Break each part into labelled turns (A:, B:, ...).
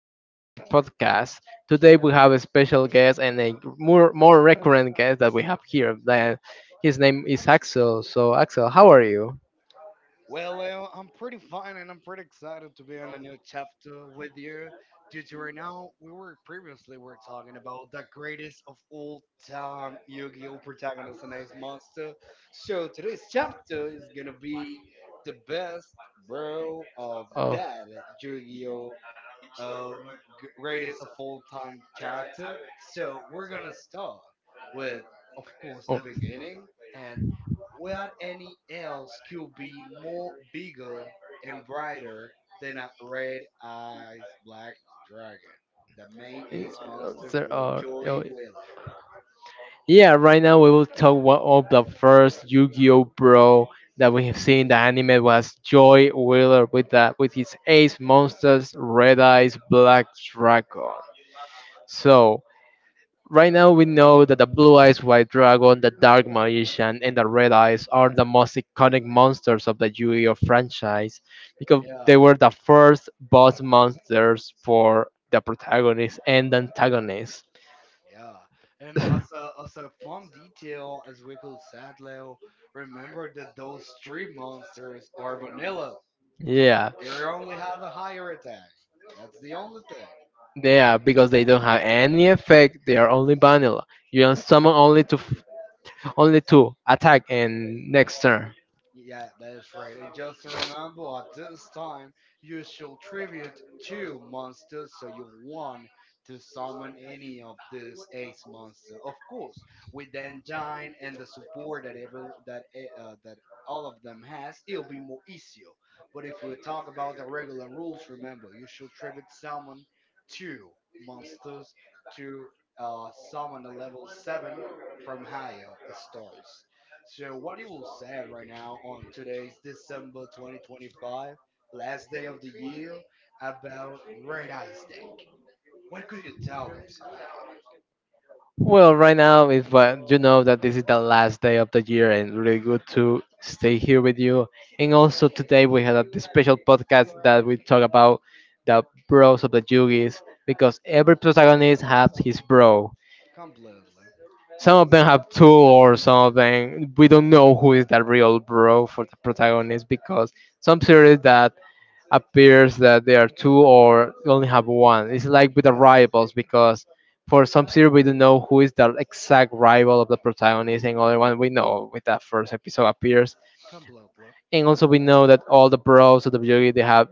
A: in our new podcast. Today we have a special guest and a more recurrent guest that we have here. That his name is Axel. So Axel, how are you?
B: Well, Leo, I'm pretty fine and I'm pretty excited to be on a new chapter with you. Due to right now, we were previously we're talking about the greatest of all time Yu-Gi-Oh protagonist and Ace Monster. So today's chapter is gonna be the best bro of
A: Oh,
B: that Yu-Gi-Oh um, greatest of all time character. So we're gonna start with, of course,
A: oh.
B: the beginning, and where any else could be more bigger and brighter than a red-eyed black dragon, the main ace
A: Uh,
B: monster
A: there
B: for
A: are- oh,
B: Joey Wheeler.
A: Yeah, right now we will talk one of the first Yu-Gi-Oh! Bro that we have seen. The anime was Joy Wheeler with his ace monsters, Red Eyes, Black Dragon. So right now, we know that the blue eyes white dragon, the dark magician, and the red eyes are the most iconic monsters of the Yu Gi Oh franchise because they
B: Yeah.
A: were the first boss monsters for the protagonist and the antagonist.
B: Yeah, and as a fun detail, as we could said, Leo, remember that those three monsters are vanilla.
A: Yeah,
B: You only have a higher attack. That's the only thing.
A: yeah, because they don't have any effect. They are only vanilla. You can summon only to attack and next turn.
B: Yeah, that is right. And just remember, at this time, you should tribute two monsters so you want to summon any of these ace monsters. Of course, with the engine and the support that that all of them has, it'll be more easier. But if we talk about the regular rules, remember, you should tribute summon two monsters to summon a level seven from higher stars. So, what you will say right now on today's December 2025, last day of the year, about Red Eye Deck? What could you tell us about?
A: Well, right now is but you know that this is the last day of the year and really good to stay here with you. And also today we had a special podcast that we talk about the bros of the Yugis because every protagonist has his bro.
B: Completely.
A: Some of them have two or some of them we don't know who is the real bro for the protagonist because some series that appears that there are two or only have one. It's like with the
B: Yeah,
A: rivals because for some series we don't know who is the exact rival of the protagonist, and other one we know with that first episode appears.
B: completely.
A: And also we know that all the bros of the video game, they have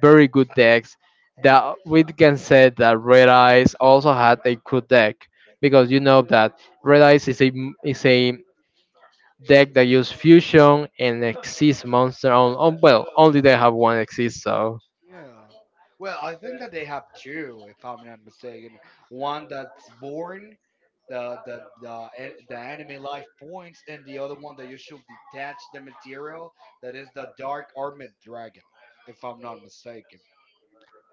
A: very good decks. That we can say that Red Eyes also had a good deck because you know that Red Eyes is a deck that use fusion and exist monster on well only they have one exist. So
B: Yeah. Well, I think that they have two, if I'm not mistaken. One that's born, the enemy life points, and the other one that you should detach the material. That is the Dark Armored Dragon, if I'm not mistaken.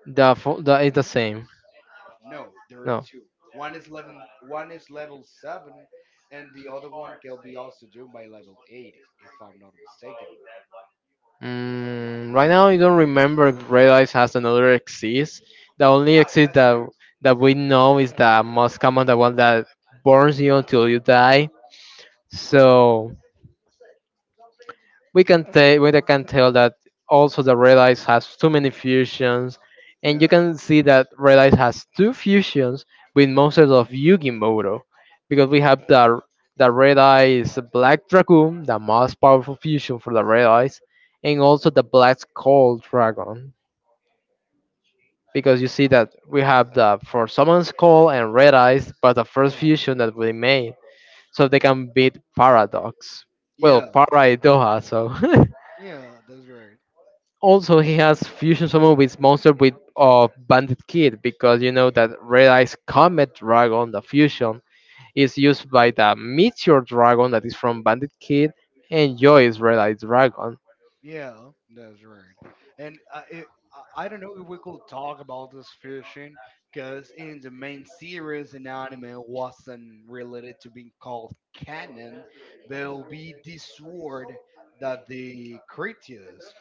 A: the is the same.
B: No, there are
A: No.
B: two. One is level One is level seven, and the other one can be also done by level eight, if I'm not mistaken.
A: Mm, right now, I don't remember if Red Eyes has another exist. The only exist that we know is the most common, the one that burns you until you die. So we can tell that also the red eyes has too many fusions, and you
B: Yeah,
A: can see that red eyes has two fusions with monsters of yugimoto, because we have the red eyes black dragoon, the most powerful fusion for the red eyes, and also the black skull dragon, because you see that we have the for summon skull and red eyes, but the first
B: yeah,
A: fusion that we made so they can beat paradox, well,
B: yeah,
A: paraidoha so
B: yeah. That's right.
A: also he has fusion summon with monster with of bandit kid, because you know that red eyes comet dragon, the fusion is used by the meteor dragon that is from bandit kid and joy's red eyes dragon.
B: Yeah, that's right. And it, I don't know if we could talk about this fishing, because in the main series, an anime wasn't related to being called canon. There'll be this sword that the Creteus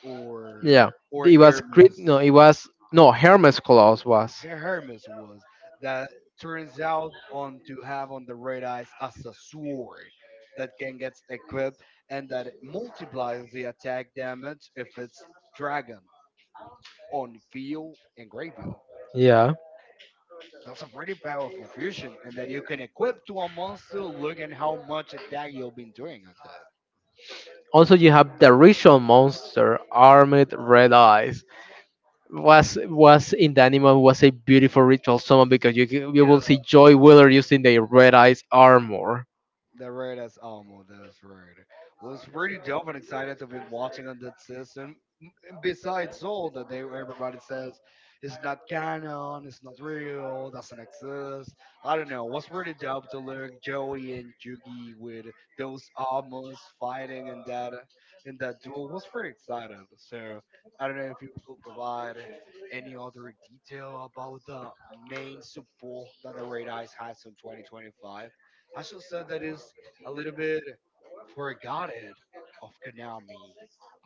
A: Yeah,
B: or
A: it was crit,
B: Hermes.
A: no it was no, hermes claus was.
B: Hermes was that turns out on to have on the red eyes as a sword that can get equipped and that it multiplies the attack damage if it's dragon on field and graveyard.
A: Yeah,
B: That's a pretty powerful fusion, and that you can equip to a monster. Look at how much attack you've been doing on that.
A: also you have the ritual monster armed red eyes, was in the anime, was a beautiful ritual summon because you will see joy wheeler using the red eyes armor.
B: The red as that's right. Was pretty dope and excited to be watching on that system and besides all that they everybody says it's not canon, it's not real, doesn't exist. I don't know. Was really dope to look Joey and Yugi with those armors fighting in that duel was pretty excited. So I don't know if you could provide any other detail about the main support that the Red Eyes has in 2025. I should say that is a little bit forgotten of Konami.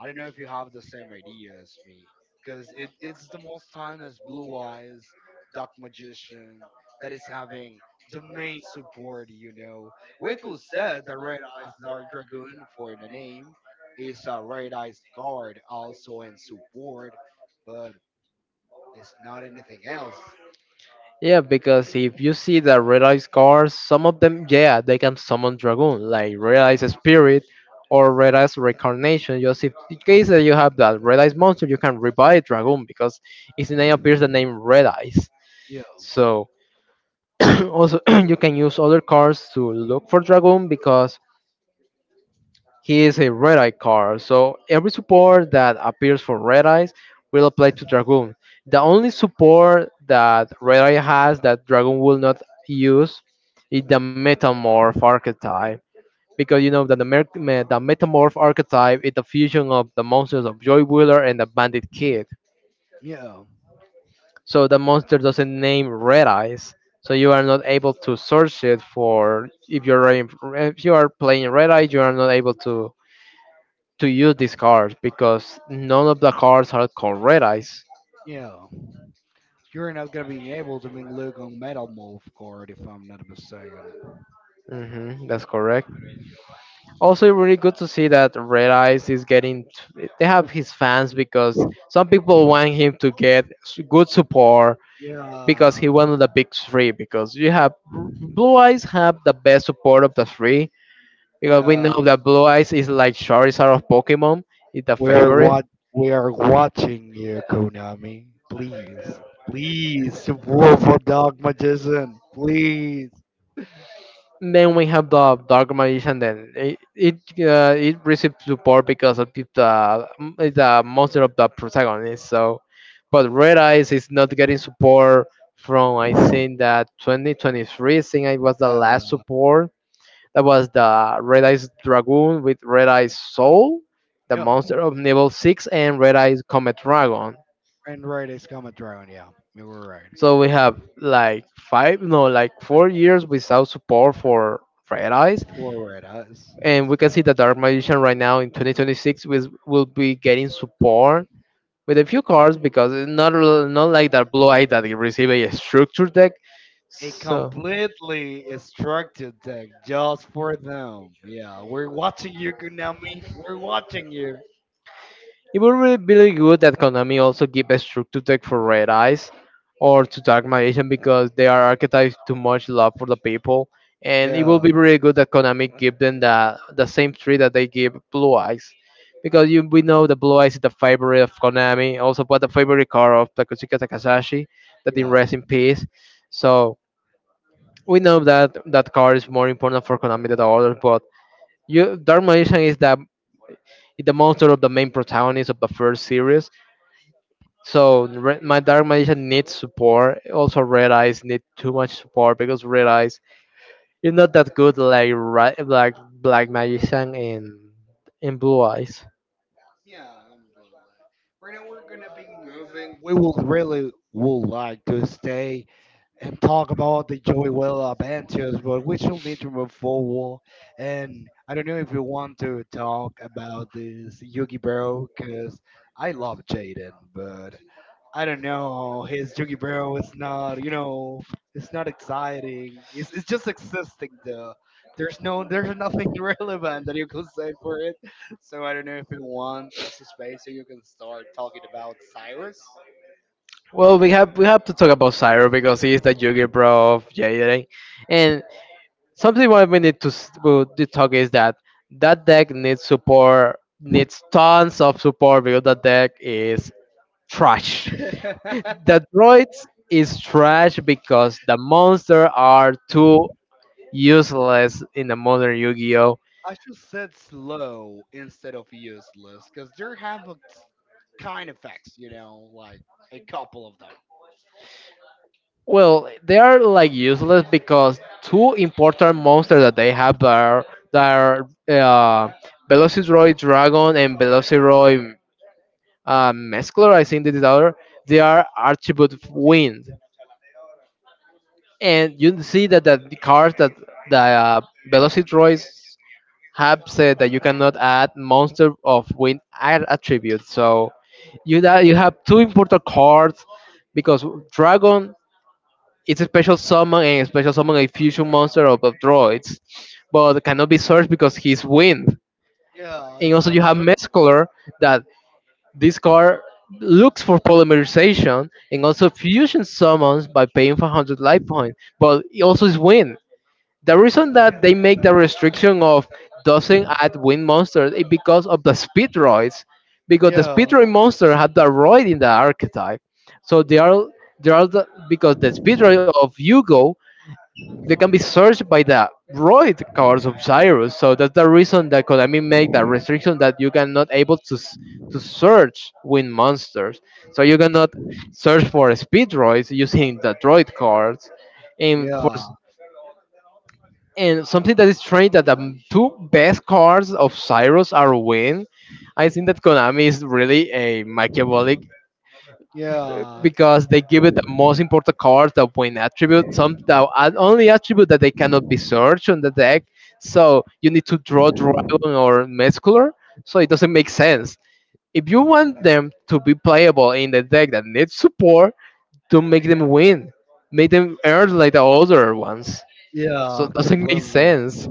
B: I don't know if you have the same idea as me, because it's the most time as Blue Eyes, Dark Magician, that is having the main support, you know. Waco said the Red Eyes Dark Dragoon for the name is a Red Eyes Guard also in support, but it's not anything else.
A: Yeah, because if you see the red eyes cards, some of them, yeah, they can summon dragoon, like red eyes spirit or red eyes reincarnation. Just if in case that you have that red eyes monster, you can revive dragoon because its name appears the name red eyes.
B: Yeah,
A: So also you can use other cards to look for dragoon because he is a Red Eye card, so every support that appears for Red Eyes will apply to Dragoon. The only support that Red Eye has that Dragoon will not use is the Metamorph archetype. Because you know that the Metamorph archetype is the fusion of the monsters of Joy Wheeler and the Bandit Kid.
B: yeah,
A: So the monster doesn't name Red Eyes. So you are not able to search it for if you are playing Red Eye, you are not able to use these cards because none of the cards are called red eyes.
B: yeah. You're not gonna be able to make Luke on Metal Move Guard if I'm not mistaken.
A: Hmm, that's correct. Also, really good to see that Red Eyes is getting. They have his fans because some people want him to get good support because
B: Yeah,
A: he won the big three. Because you have Blue Eyes have the best support of the three, because we know
B: yeah.
A: that Blue Eyes is like Charizard of Pokemon. It's the
B: We are
A: favorite.
B: what we are watching you, Konami. Please, please support for Dogma. Please.
A: Then we have the Dark Magician. Then it received support because of the monster of the protagonist. So, but Red Eyes is not getting support from, I think, that 2023. I think it was the last
B: Uh,
A: support. That was the Red Eyes Dragoon with Red Eyes Soul, the
B: yeah.
A: monster of Level Six, and Red Eyes Comet Dragon.
B: And right is coming around. Yeah, you were right.
A: So we have like five, no, like 4 years without support for Red Eyes.
B: For red.
A: And we can see that Dark Magician right now in 2026 will be getting support with a few cards because it's not like that blue eye that you receive a structure deck.
B: A
A: So
B: completely structured deck just for them. Yeah, we're watching you, Konami. We're watching you.
A: it would be really good that Konami also give a structure tech for Red Eyes or to Dark Magician because they are archetypes too much love for the people. And it will
B: Yeah,
A: be really good that Konami give them the same tree that they give Blue Eyes. Because you, we know the Blue Eyes is the favorite of Konami, also but the favorite card of Takutsuka Takahashi, that in
B: yeah.
A: rest in peace. So we know that that card is more important for Konami than the others, but you, Dark Magician is is the monster of the main protagonist of the first series, so my dark magician needs support. Also, red eyes need too much support because red eyes is not that good like right like black magician in blue eyes.
B: Yeah, completely. Right now we're gonna be moving. We will really would like to stay and talk about the Joey Will adventures, but we still need to move forward. And I don't know if you want to talk about this Yugi Bro, because I love Jaden, but I don't know. His Yugi Bro is not, you know, it's not exciting. It's just existing though. There's no, there's nothing relevant that you can say for it. So I don't know if you want this space so you can start talking about Cyrus.
A: Well, we have to talk about Cyro because he is the Yugi bro of Jaden, and something what we need to s- to talk is that that deck needs support, needs tons of support, because that deck is trash. The droids is trash because the monsters are too useless in the modern Yu-Gi-Oh.
B: I should said slow instead of useless, because there have a kind effects, you know, like a couple of them.
A: Well, they are like useless because two important monsters that they have are that are Velociraptor Dragon and Velociraptor Mesclor. I think this is the other. They are attribute of Wind, and you see that the cards that the Velociraptor have said that you cannot add monster of wind air attribute. So you that you have two important cards because dragon is a special summon and a special summon a fusion monster of droids, but cannot be searched because he's wind.
B: Yeah,
A: And
B: it's
A: also
B: not
A: you have
B: so.
A: mescaler that this card looks for polymerization and also fusion summons by paying 500 life points, but it also is wind. The reason that they make the restriction of doesn't add wind monsters is because of the speedroids, because the
B: Yeah,
A: speedroid monster had the roid in the archetype, so because the speedroid of yugo, they can be searched by the roid cards of Cyrus. So that's the reason that konami make that restriction that you cannot able to search wind monsters, so you cannot search for speedroids using the droid cards. And for
B: yeah,
A: and something that is strange that the two best cards of Cyrus are win. I think that Konami is really a Machiavellic,
B: yeah,
A: because they give it the most important cards that win attribute, some only attribute that they cannot be searched on the deck. So you need to draw Dragon or Mescular. So it doesn't make sense. If you want them to be playable in the deck that needs support, don't make them win. Make them earn like the other ones. So
B: yeah,
A: it doesn't make
B: completely.
A: sense.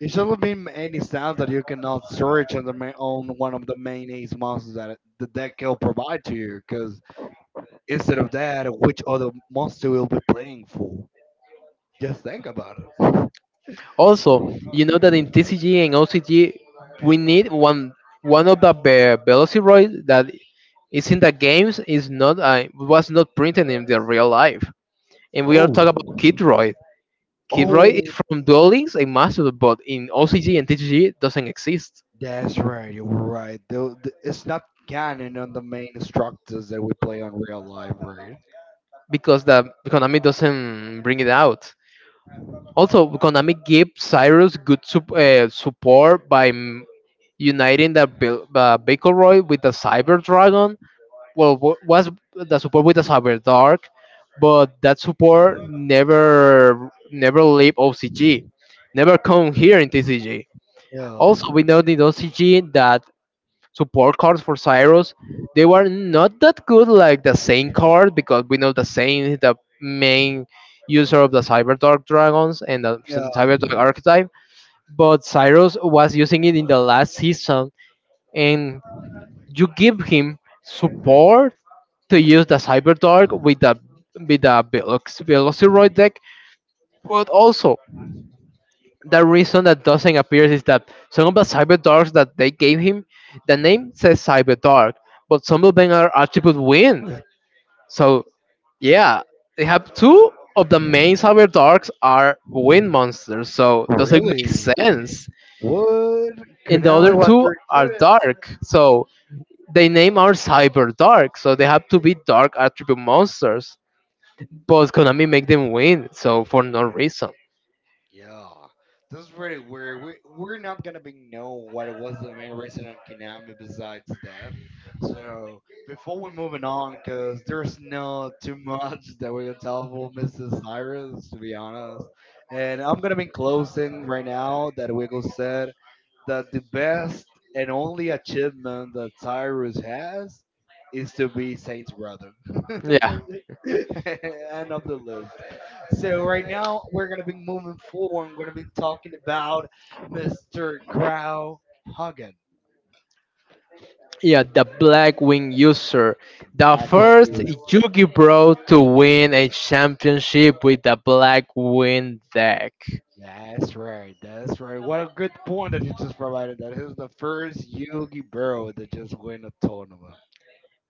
B: It shouldn't be any sound that you cannot search on the on one of the main ace monsters that the deck will provide to you. Because instead of that, which other monster will be playing for? Just think about it.
A: Also, you know that in TCG and OCG, we need one of Velociraptor that is in the games is not was not printed in the real life. And we are talking about
B: Oh,
A: Kidroid. Kidroid
B: oh,
A: is from Duel Links and Master, but in OCG and TCG it doesn't exist
B: that's right, you're right. Though it's not canon on the main structures that we play on real life, right?
A: because the Konami doesn't bring it out. Also, Konami gave Cyrus good support by uniting the Bakelroid with the Cyber Dragon. Well, was the support with the Cyber Dark, but that support never leave OCG, never come here in TCG.
B: Yeah.
A: Also, we know in OCG that support cards for Cyrus, they were not that good like the Saint card, because we know the Saint is the main user of the Cyber Dark dragons and the
B: Yeah.
A: Cyber Dark archetype. But Cyrus was using it in the last season, and you give him support to use the Cyberdark with the Velociroid deck. But also, the reason that doesn't appear is that some of the Cyberdarks that they gave him, the name says Cyberdark, but some of them are attribute wind. So yeah, they have two of the main Cyberdarks are wind monsters, so doesn't make
B: Really?
A: sense.
B: What?
A: And the
B: Konami,
A: other
B: what
A: two
B: you're
A: are
B: doing?
A: dark, so they name are Cyberdark, so they have to be dark attribute monsters. But Konami make them win, so for no reason.
B: Yeah, this is really weird. We we're not gonna be know what was the main reason on Konami besides that. So before we moving on, because there's not too much that we can tell for Mrs. Cyrus to be honest. And I'm gonna be closing right now that Wiggle said that the best and only achievement that Cyrus has is to be Saints brother.
A: Yeah,
B: End of the list. So right now we're gonna be moving forward. I'm gonna be talking about Mr. Grau Hagen.
A: yeah, the Blackwing user, the
B: Black
A: first
B: Wings.
A: Yugi Bro to win a championship with the Blackwing deck.
B: That's right. What a good point that you just provided. That he was the first Yogi Berra that just win a tournament.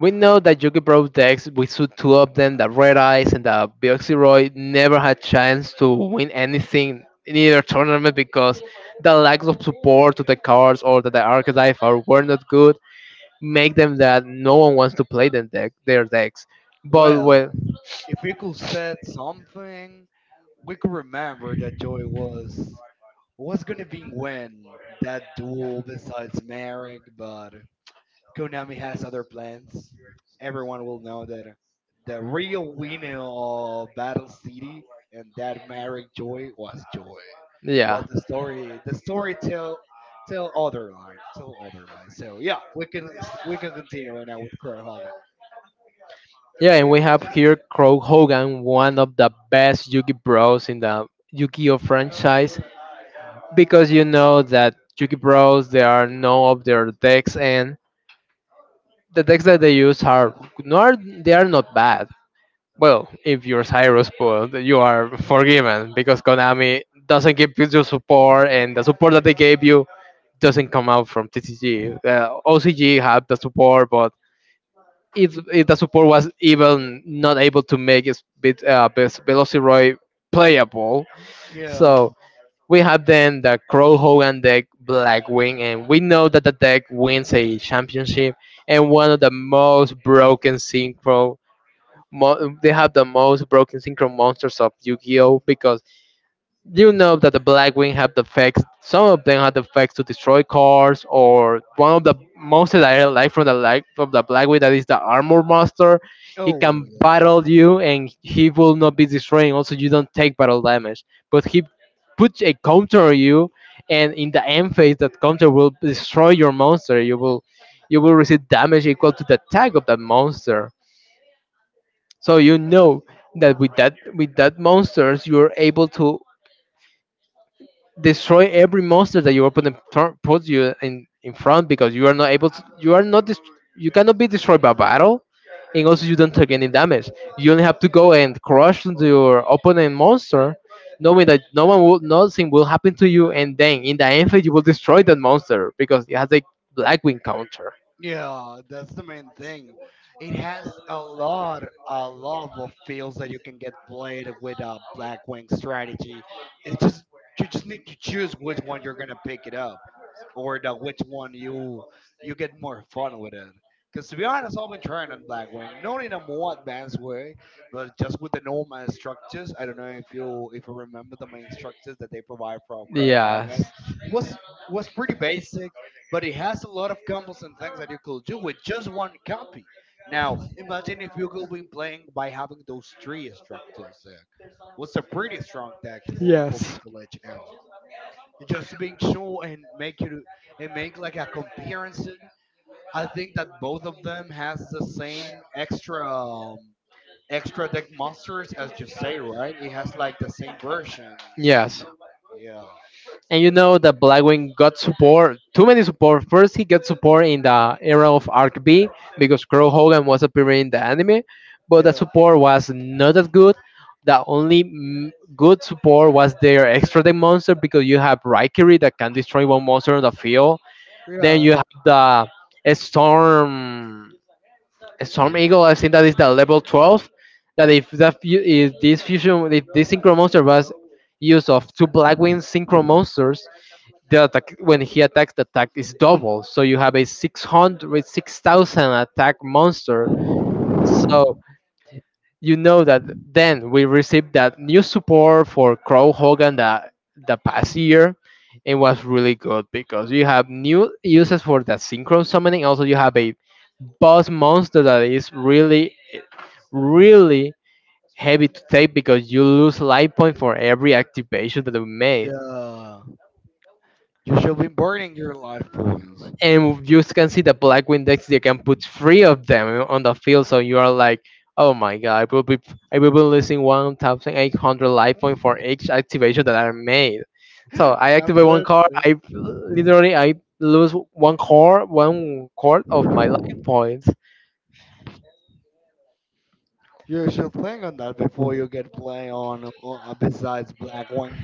A: We know that Yugi Bro decks, we saw two of them, the Red Eyes and the Bioxyroid, never had chance to win anything in either tournament because the lack of support to the cards, or that the archetype are were not good, make them that no one wants to play them deck, their decks. But
B: Well,
A: when.
B: if we could said something, we could remember that Joy was gonna be win that duel besides Merrick, but Konami has other plans. Everyone will know that the real winner of Battle City and that married Joy was Joy.
A: Yeah.
B: But the story tell other line, tell other line. So yeah, we can continue right now with Crow Hogan.
A: Yeah, and we have here Crow Hogan, one of the best Yugi Bros in the Yu-Gi-Oh franchise, because you know that Yugi Bros they are no of their decks, and the decks that they use are nor they are not bad. Well, if you're Cyrus Pool, you are forgiven because Konami doesn't give you the support, and the support that they gave you doesn't come out from TCG. OCG have the support, but if the support was even not able to make his best Velociroy playable.
B: Yeah.
A: So we have then the Crow Hogan deck Blackwing, and we know that the deck wins a championship and one of the most broken synchro. They have the most broken synchro monsters of Yu-Gi-Oh! Because you know that the Blackwing have the facts. Some of them have the facts to destroy cars, or one of the monsters that I like from the Blackwing that is the armor monster. He
B: Oh
A: can
B: yeah.
A: battle you, and he will not be destroying. Also, you don't take battle damage, but he puts a counter on you, and in the end phase, that counter will destroy your monster. You will receive damage equal to the attack of that monster. So you know that with that monsters, you are able to destroy every monster that your opponent puts you in front, because you are not able to, you cannot be destroyed by battle, and also you don't take any damage. You only have to go and crush into your opponent monster, knowing that no one will nothing will happen to you, and then in the end phase you will destroy that monster because it has a Blackwing counter.
B: Yeah, that's the main thing. It has a lot of fields that you can get played with a black wing strategy. It's just you just need to choose which one you're gonna pick it up, or the which one you you get more fun with it. Because to be honest, I've been trying on black wing, not in a more advanced way, but just with the normal structures. I don't know if you remember the main structures that they provide from
A: Yes.
B: Crowhogger. Was was pretty basic but it has a lot of combos and things that you could do with just one copy. Now, imagine if you could be playing by having those three structures deck. What's a pretty strong deck for me
A: Yes.
B: to let you know? And just being sure and make you and make like a comparison. I think that both of them has the same extra extra deck monsters as you say, right? It has like the same versions.
A: Yes.
B: Yeah.
A: And you know that Blackwing got support, too many support. First, he got support in the era of Arc B because Crow Hogan was appearing in the anime, but the
B: Yeah.
A: support was not that good. The only good support was their extra deck monster because you have Raikiri that can destroy one monster on the field. Then
B: Yeah.
A: you have the Storm Storm Eagle. I think that is the level 12. That, if that fu- if this fusion if this synchro monster was use of two Blackwing synchro monsters, the attack when he attacks the attack is double, so you have a 600 6,000 attack monster. So you know that then we received that new support for Crow Hogan, that the past year it was really good because you have new uses for the synchro summoning. Also you have a boss monster that is really, really heavy to take because you lose life point for every activation that we made.
B: Yeah. You should be burning your life points.
A: And you can see the Black Windex, you can put three of them on the field, so you are like, oh my god, I will be losing 1,800 life point for each activation that I made. So I activate one card,
B: Completely.
A: I literally I lose one core of my life points.
B: You should think on that before you get play on besides Blackwing.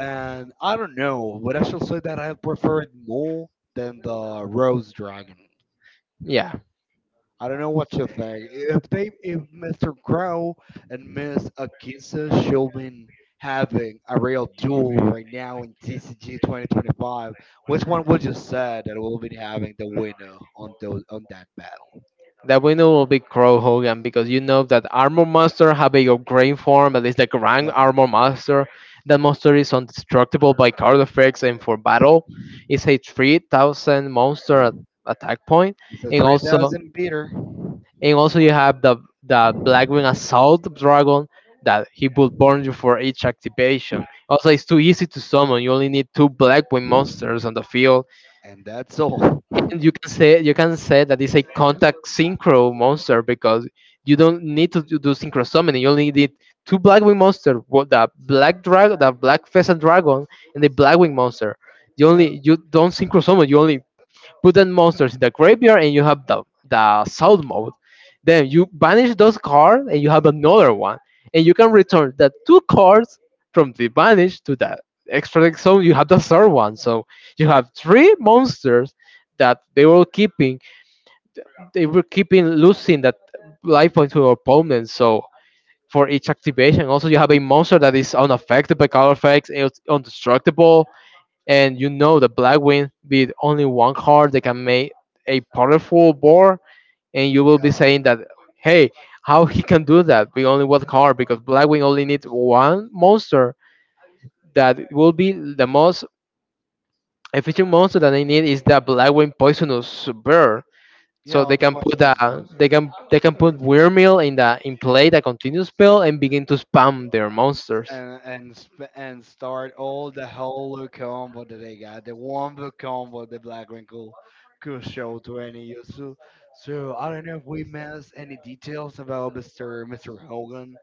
B: And I don't know, but I should say that I prefer it more than the Rose Dragon.
A: Yeah.
B: I don't know what you think. If they, if Mr. Crow and Miss Akisa should been having a real duel right now in TCG 2025, which one would you say that will be having the winner on those on that battle?
A: The winner will be Crow Hogan because you know that Armor Master have a great form that is the Grand
B: Yeah,
A: Armor Master. That monster is indestructible by card effects and for battle. It's a 3,000 monster at attack point.
B: it's a
A: And also
B: 3,000 beater.
A: and also you have the Blackwing Assault Dragon that he will burn you for each activation. Also it's too easy to summon. You only need two Blackwing monsters on the field,
B: And that's all.
A: and you can say that it's a contact synchro monster because you don't need to do synchro summoning. You only need two Blackwing monster, what the black dragon, the black pheasant dragon, and the Blackwing monster.
B: Yeah,
A: You don't synchro summon. You only put the monsters in the graveyard and you have the soul mode. Then you banish those cards and you have another one. And you can return the two cards from the banish to the extra zone. You have the third one. So you have three monsters that they were keeping. They were keeping losing that life point to your opponent. So for each activation, also you have a monster that is unaffected by color effects and it's indestructible. And you know the Black Win, with only one card they can make a powerful board, and you will be
B: yeah,
A: saying that, hey, how he can do that with only one card, because Blackwing only needs one monster. That will be the most efficient monster that they need is the Blackwing Poisonous Bear. So
B: yeah.
A: they
B: The
A: can
B: boys on this bird.
A: put weird Meal in the in play, the continuous spell, and begin to spam their monsters.
B: And and start all the whole combo that they got. The wombo combo the Black Wrinkle could show to any use. So, so I don't know if we missed any details about Mr. Hogan.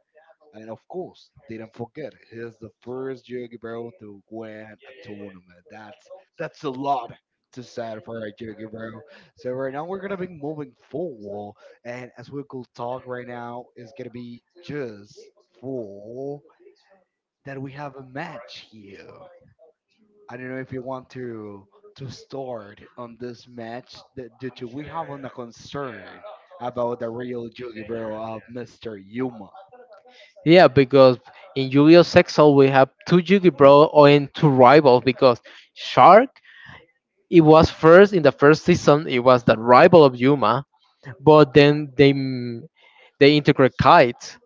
B: And of course, didn't forget, he's the first Joe Guerrero to win a tournament. That's that's a lot to say for a Joe Guerrero. So right now we're gonna be moving forward, and as we could talk right now, is gonna be just for that we have a match here. I don't know if you want to start on this match that due to we have on a concern about the real Joe Guerrero of Mr. Yuma.
A: Yeah, because in Yu-Gi-Oh! Sexal we have two Yu-Gi-Oh! Or and two rivals, because Shark, it was first, in the first season it was the rival of Yuma, but then they they integrate Kite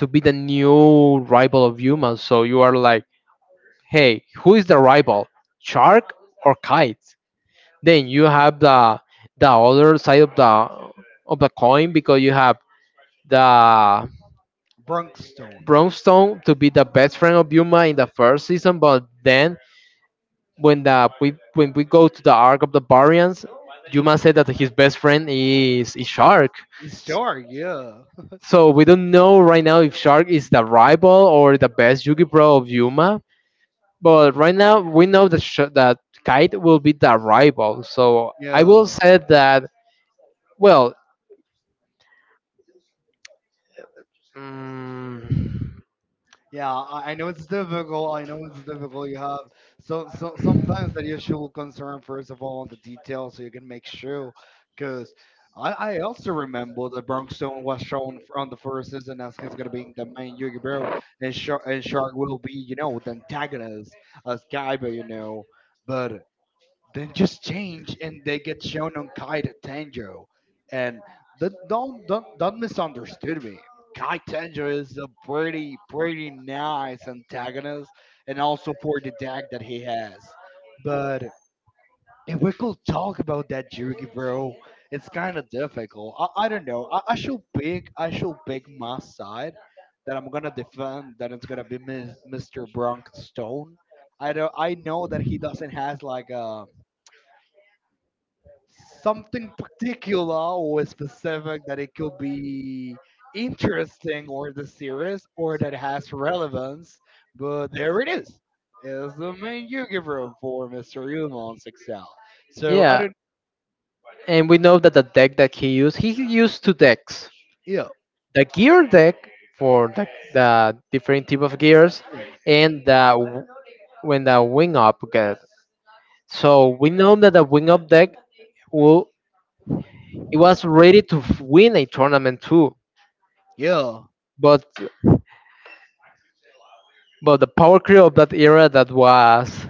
A: to be the new rival of Yuma. So you are like, hey, who is the rival, Shark or Kite? Then you have the other side of the coin because you have the
B: Brunkstone.
A: brownstone to be the best friend of Yuma in the first season, but then when the we when we go to the arc of the Barians, Yuma said that his best friend is Shark.
B: Sure,
A: So we don't know right now if Shark is the rival or the best Yugi Pro of Yuma. But right now, we know that that Kite will be the rival. So I will
B: yeah,
A: say that. Well, mm,
B: yeah. I know it's difficult. I know it's difficult. You have so so sometimes that you should concern first of all on the details so you can make sure. Because I also remember that Brimstone was shown on the first season as he's gonna be the main Yugibero, and Shark will be you know the antagonist as Kaiba, you know. But then just change and they get shown on Kai to Tanjo. And don't misunderstood me. Kai Tanjo is a pretty nice antagonist, and also for the deck that he has. But if we could talk about that Jugi, bro, it's kind of difficult. I don't know. I should pick my side that I'm gonna defend. That it's gonna be Mr. Bronk Stone. I don't. I know that he doesn't has like a something particular or specific that it could be interesting or the series or that has relevance. But there it is. Is the main Yugi room for Mr. Yuma on 6L. So I
A: yeah,
B: don't.
A: and we know that the deck that he used two decks:
B: Yeah.
A: the gear deck for the different type of gears,
B: Yeah.
A: and the when the wing up get. So we know that the wing up deck will it was ready to win a tournament too,
B: Yeah.
A: but the power creep of that era that was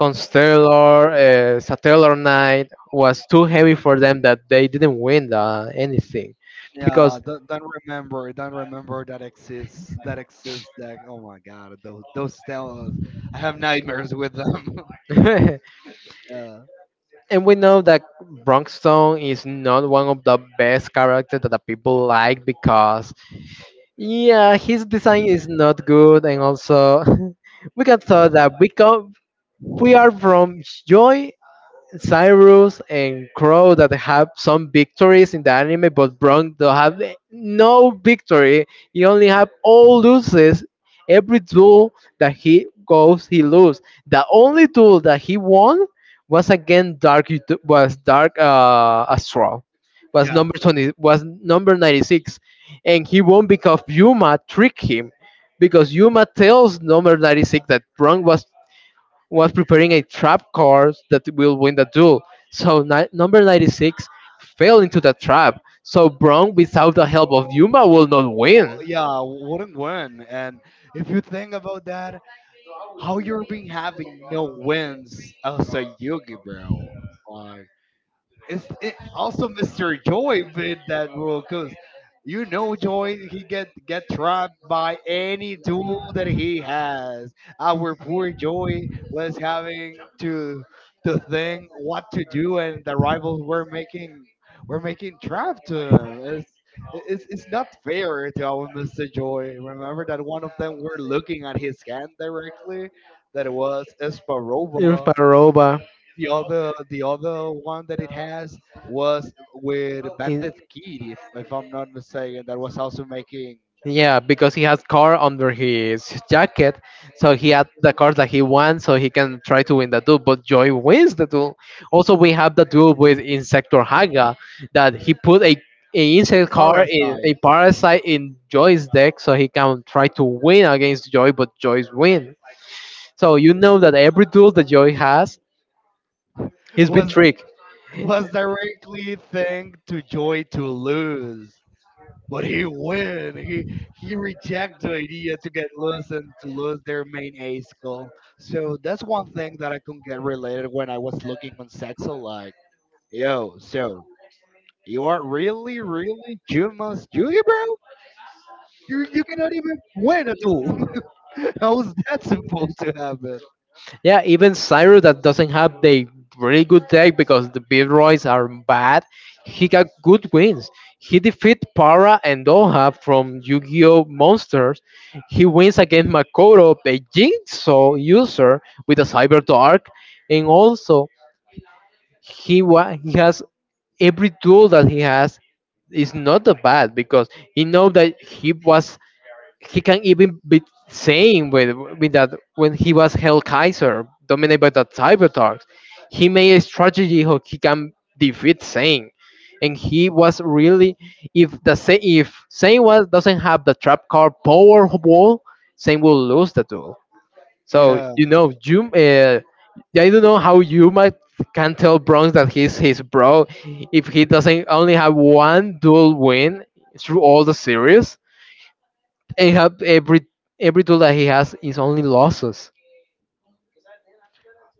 A: Constellar, Satellar Knight was too heavy for them that they didn't win anything,
B: Yeah,
A: because
B: don't remember that exists, that exists, that, oh my God, those Stellas. I have nightmares with them.
A: and
B: Yeah,
A: we know that Bronxstone is not one of the best characters that the people like, because yeah his design is not good, and also we can tell that we are from Joy, Cyrus, and Crow that have some victories in the anime, but Brown don't have no victory. He only have all loses. Every duel that he goes, he lose. The only duel that he won was again was Dark, Astral, was
B: yeah.
A: number 20, was number 96, and he won because Yuma tricked him, because Yuma tells number 96 that Brown was preparing a trap card that will win the duel. So number 96 fell into the trap. So Brown, without the help of Yuma, will not
B: Well,
A: win.
B: yeah, wouldn't win, and if you think about that, how you been having no wins as a Yugi, bro? Like, also Mr. Joy made that rule, because you know Joy, he get trapped by any tool that he has. Our poor Joy was having to think what to do, and the rivals were making trap to him. It's not fair to our Mr. Joy. Remember that one of them were looking at his hand directly. That was
A: Irv
B: Esparoba.
A: Barova.
B: The other one that it has, was with Bandit Kid, if I'm not mistaken, that was also making.
A: Yeah, because he has car under his jacket, so he had the card that he wants, so he can try to win the duel. But Joy wins the duel. Also, we have the duel with Insector Haga that he put a, insect card, in a
B: Parasite.
A: parasite in Joy's deck, so he can try to win against Joy, but Joy's win. So you know that every duel that Joy has, he's been
B: Was
A: tricked.
B: was directly thanked to Joy to lose, but he win. He reject the idea to get loose and to lose their main ace goal. So that's one thing that I couldn't get related when I was looking on Sexo. Like, yo, so you are really, really Juma's Yugi, bro? You cannot even win at all. How is that supposed to happen?
A: Yeah, even Cyrus that doesn't have the really good deck because the big roys are bad, he got good wins. He defeat Para and Doha from Yu-Gi-Oh! Monsters. He wins against Makoto, the Jigsaw user with a Cyber Dark, and also he has every tool that he has is not that bad, because he know that he can even be saying with that when he was Hell Kaiser dominated by the Cybertrucks, he made a strategy how he can defeat Sane. And he was really, if the if Sane was doesn't have the trap card power wall, Sane will lose the duel. So
B: Yeah,
A: you know you yeah, I don't know how you might can tell Bronx that he's his bro if he doesn't only have one dual win through all the series. He have every tool that he has is only losses.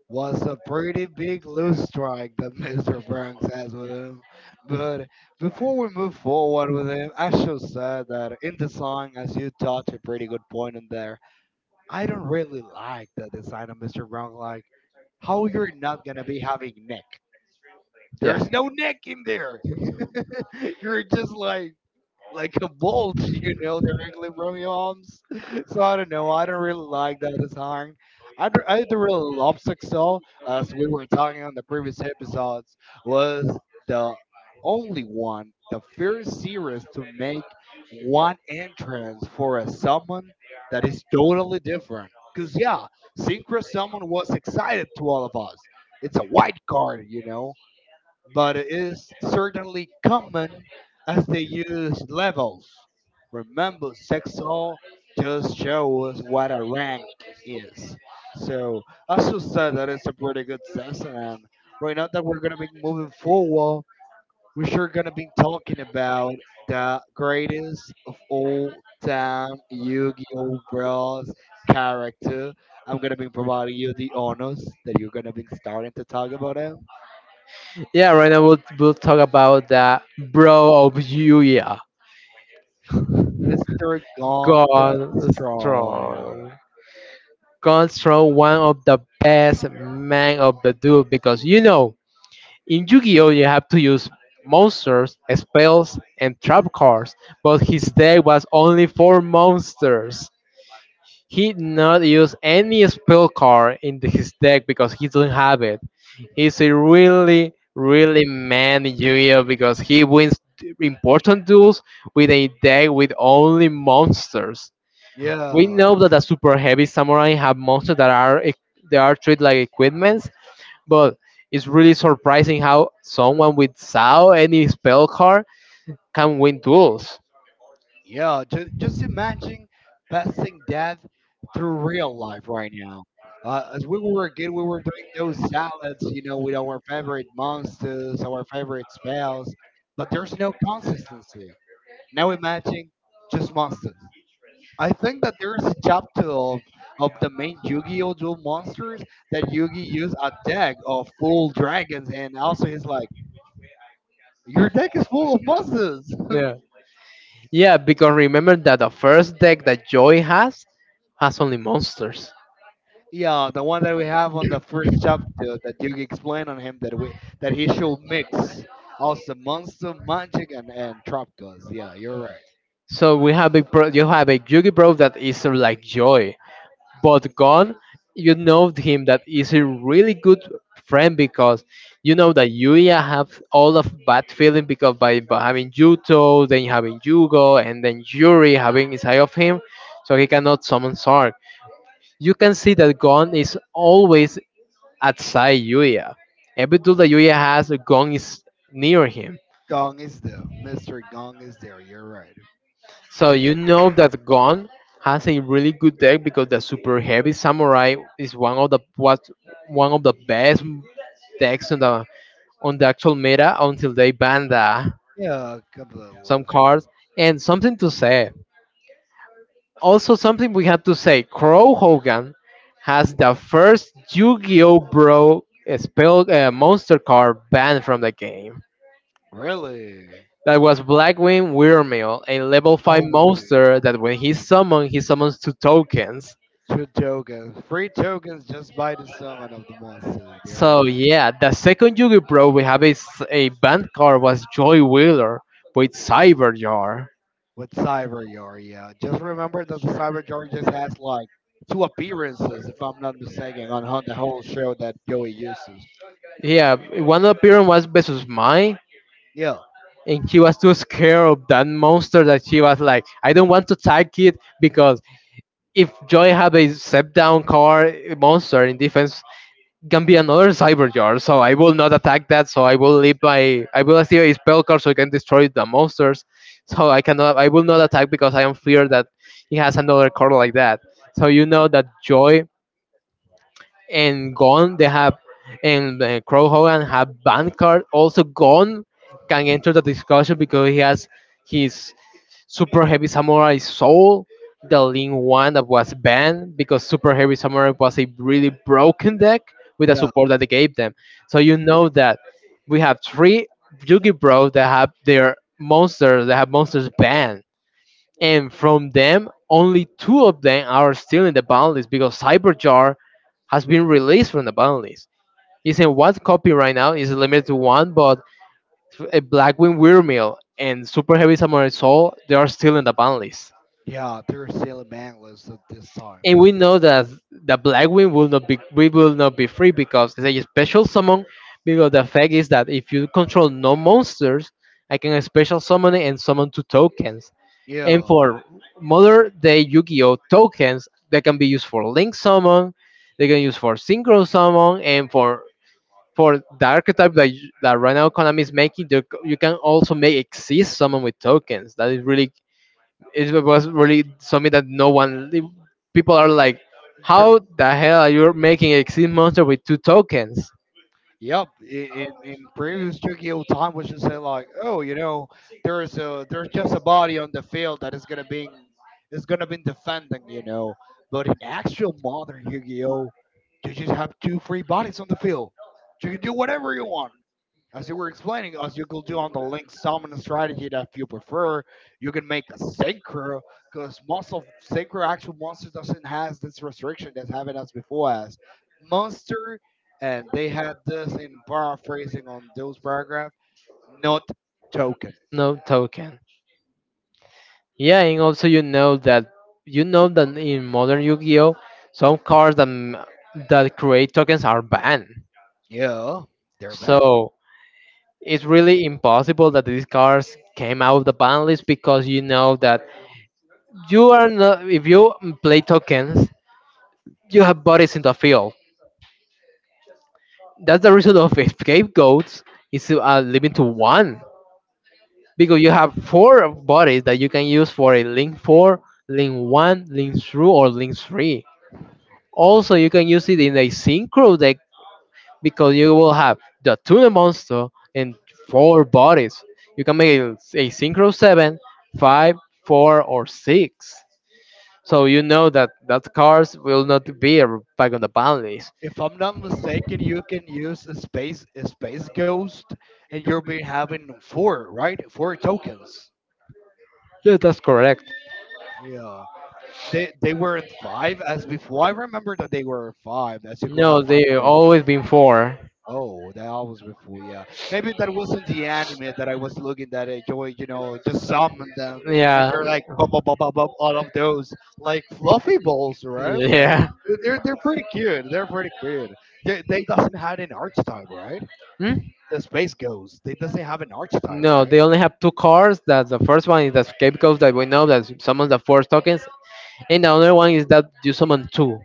B: was a pretty big loose strike that Mr. Banks has with him. But before we move forward with him, I should say that in the song, as you touch a pretty good point in there, I don't really like the design of Mr. Brown. Like, how you're not gonna be having Nick?
A: Yeah.
B: There's no Nick in there. You're just like a bolt, the from your arms. So I don't know. I don't really like that song. I don't really love Sexo, as we were talking on the previous episodes, was the only one, the first series to make one entrance for a summon that is totally different. Cause yeah, Synchro Summon was excited to all of us. It's a white card, but it is certainly common as they use levels. Remember, Sexol just shows us what a rank is. So, as you said, that is a pretty good session. And right now that we're going to be moving forward, we're sure going to be talking about the greatest of all time Yu Gi Oh! Bros character. I'm going to be providing you the honors that you're going to be starting to talk about it.
A: Yeah, Right now we'll talk about the bro of Yuya.
B: Mr. Gonga
A: God
B: Strong.
A: strong. God strong, one of the best men of the duel, because you know in Yu-Gi-Oh you have to use monsters, spells and trap cards, but his deck was only four monsters. He did not use any spell card in his deck because he doesn't have it. He's a really, really man in Yu-Gi-Oh because he wins important duels with a deck with only monsters. We
B: Yeah,
A: know that the super heavy samurai have monsters that are they are treated like equipments, but it's really surprising how someone without any spell card can win duels.
B: yeah. Just imagine passing that through real life right now. As we were kid, we were doing those salads, with our favorite monsters, our favorite spells, but there's no consistency. Now imagine just monsters. I think that there's a chapter of, the main Yu-Gi-Oh! Duel monsters that Yugi used a deck of full dragons, and also he's like, your deck is full of monsters.
A: Yeah. Yeah, because remember that the first deck that Joy has only monsters.
B: Yeah, the one that we have on the first chapter that you explained on him, that he should mix also monster, magic, and trap cards. Yeah, you're right.
A: So we have a bro, you have a Yugi bro that is sort of like Joy, but Gon, you know him that is a really good friend because you know that Yuya have all of bad feeling because by having Yuto, then having Yugo, and then Yuri having inside of him, so he cannot summon Sark. You can see that Gon is always outside Yuya. Every tool that Yuya has, Gon is near him.
B: Gong is there. Mister Gong is there. You're right.
A: So you know that Gon has a really good deck because the super heavy samurai is one of the was one of the best decks on the actual meta until they ban the
B: Yeah, completely.
A: some cards, and something to say. Also, something we had to say, Crow Hogan has the first Yu-Gi-Oh! Bro spell monster card banned from the game.
B: Really?
A: That was Blackwing Wyrmil, a level 5
B: Oh,
A: monster that when he summoned, he summons two tokens.
B: two tokens, free tokens just by the summon of the monster. You're
A: So
B: right.
A: yeah, the second Yugi Pro we have is a band card was Joy Wheeler with Cyber Jar.
B: With Cyber Yarya. Just remember that the Cyber Yarya just has like two appearances, if I'm not mistaken, on the whole show that Joey uses.
A: Yeah, one appearance was versus mine,
B: Yeah,
A: and she was too scared of that monster that she was like, I don't want to attack it because if Joy have a step down card monster in defense can be another cyber jar, so I will not attack that. So I will leave my I will activate a spell card so I can destroy the monsters. So I will not attack because I am feared that he has another card like that. So you know that Joy and Gone they have and Crow Hogan have ban card. Also Gone can enter the discussion because he has his Super Heavy Samurai Soul, the lean one, that was banned because Super Heavy Samurai was a really broken deck with the
B: yeah,
A: support that they gave them. So you know that we have three Yugi Bros that have their monsters that have monsters banned, and from them only two of them are still in the ban list because Cyberjar has been released from the ban list. It's in one copy right now. It's limited to one, but a Blackwing Windmill and Super Heavy Samurai Soul they are still in the ban list.
B: yeah. They're still bangless at this time.
A: And we know that the Blackwing will not be free because it's a special summon. Because the fact is that if you control no monsters, I can special summon it and summon two tokens. And
B: Yeah.
A: for modern day Yu-Gi-Oh tokens, they can be used for Link summon, they can use for Synchro summon, and for the archetype that that right now Konami is making, you can also make exist summon with tokens. That is really it was really something that no one, the people are like,
B: Jer-
A: how the hell are you making a exit monster with two tokens
B: Yep, in previous Tokyo time, we should say like, oh, there's just a body on the field that is gonna be, is gonna be defending, you know. But in actual modern Yu-Gi-Oh, you just have two free bodies on the field. You can do whatever you want. As you were explaining, as you could do on the link summon strategy, that if you prefer, you can make a synchro because most of synchro actual monster doesn't has this restriction that having us before as monster, and they had this in paraphrasing on those paragraph, not token.
A: no token. Yeah, and also you know that in modern yu-gi-oh some cards that, that create tokens are banned.
B: Yeah, they're bad.
A: So it's really impossible that these cards came out of the ban list because you know that you are not if you play tokens you have bodies in the field. That's the reason of scapegoats is to limit to one, because you have four bodies that you can use for a link four, link one, link two, or link three. Also, you can use it in a synchro deck because you will have the tuna monster and four bodies. You can make a synchro seven, five, four, or six. So you know that that cards will not be back on the ban list.
B: If I'm not mistaken, you can use a space ghost, and you'll be having four tokens.
A: Yeah, that's correct.
B: Yeah. They weren't five as before. I remember that they were five. That you could
A: No,
B: have five.
A: they always been four.
B: Oh, that was before. Yeah, maybe that wasn't the anime that I was looking at. I Joy, just summon them, and
A: Yeah,
B: they're like bub, bub, bub, bub, bub, all of those like fluffy balls, right? Like
A: yeah.
B: they're pretty cute. They're pretty cute. They doesn't have an archetype, right?
A: Hmm?
B: The space ghost. They doesn't have an archetype,
A: No,
B: right?
A: they only have two cars. That the first one is the escape ghost that we know that summons the four tokens, and the other one is that you summon two.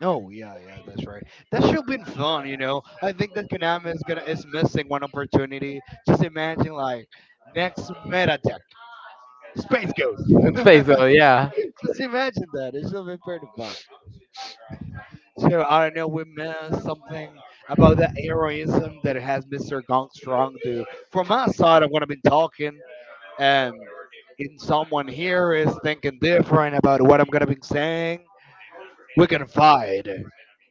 B: Oh yeah, yeah, that's right. That should been fun. I think that Konami is missing one opportunity. Just imagine like next meta deck, Space Ghost.
A: It's face, so yeah.
B: Just imagine that. It should be pretty fun. So I don't know, we missed something about the heroism that has Mr. Gong Strong do. From my side of what I've been talking, and in someone here is thinking different about what I'm gonna be saying, we can fight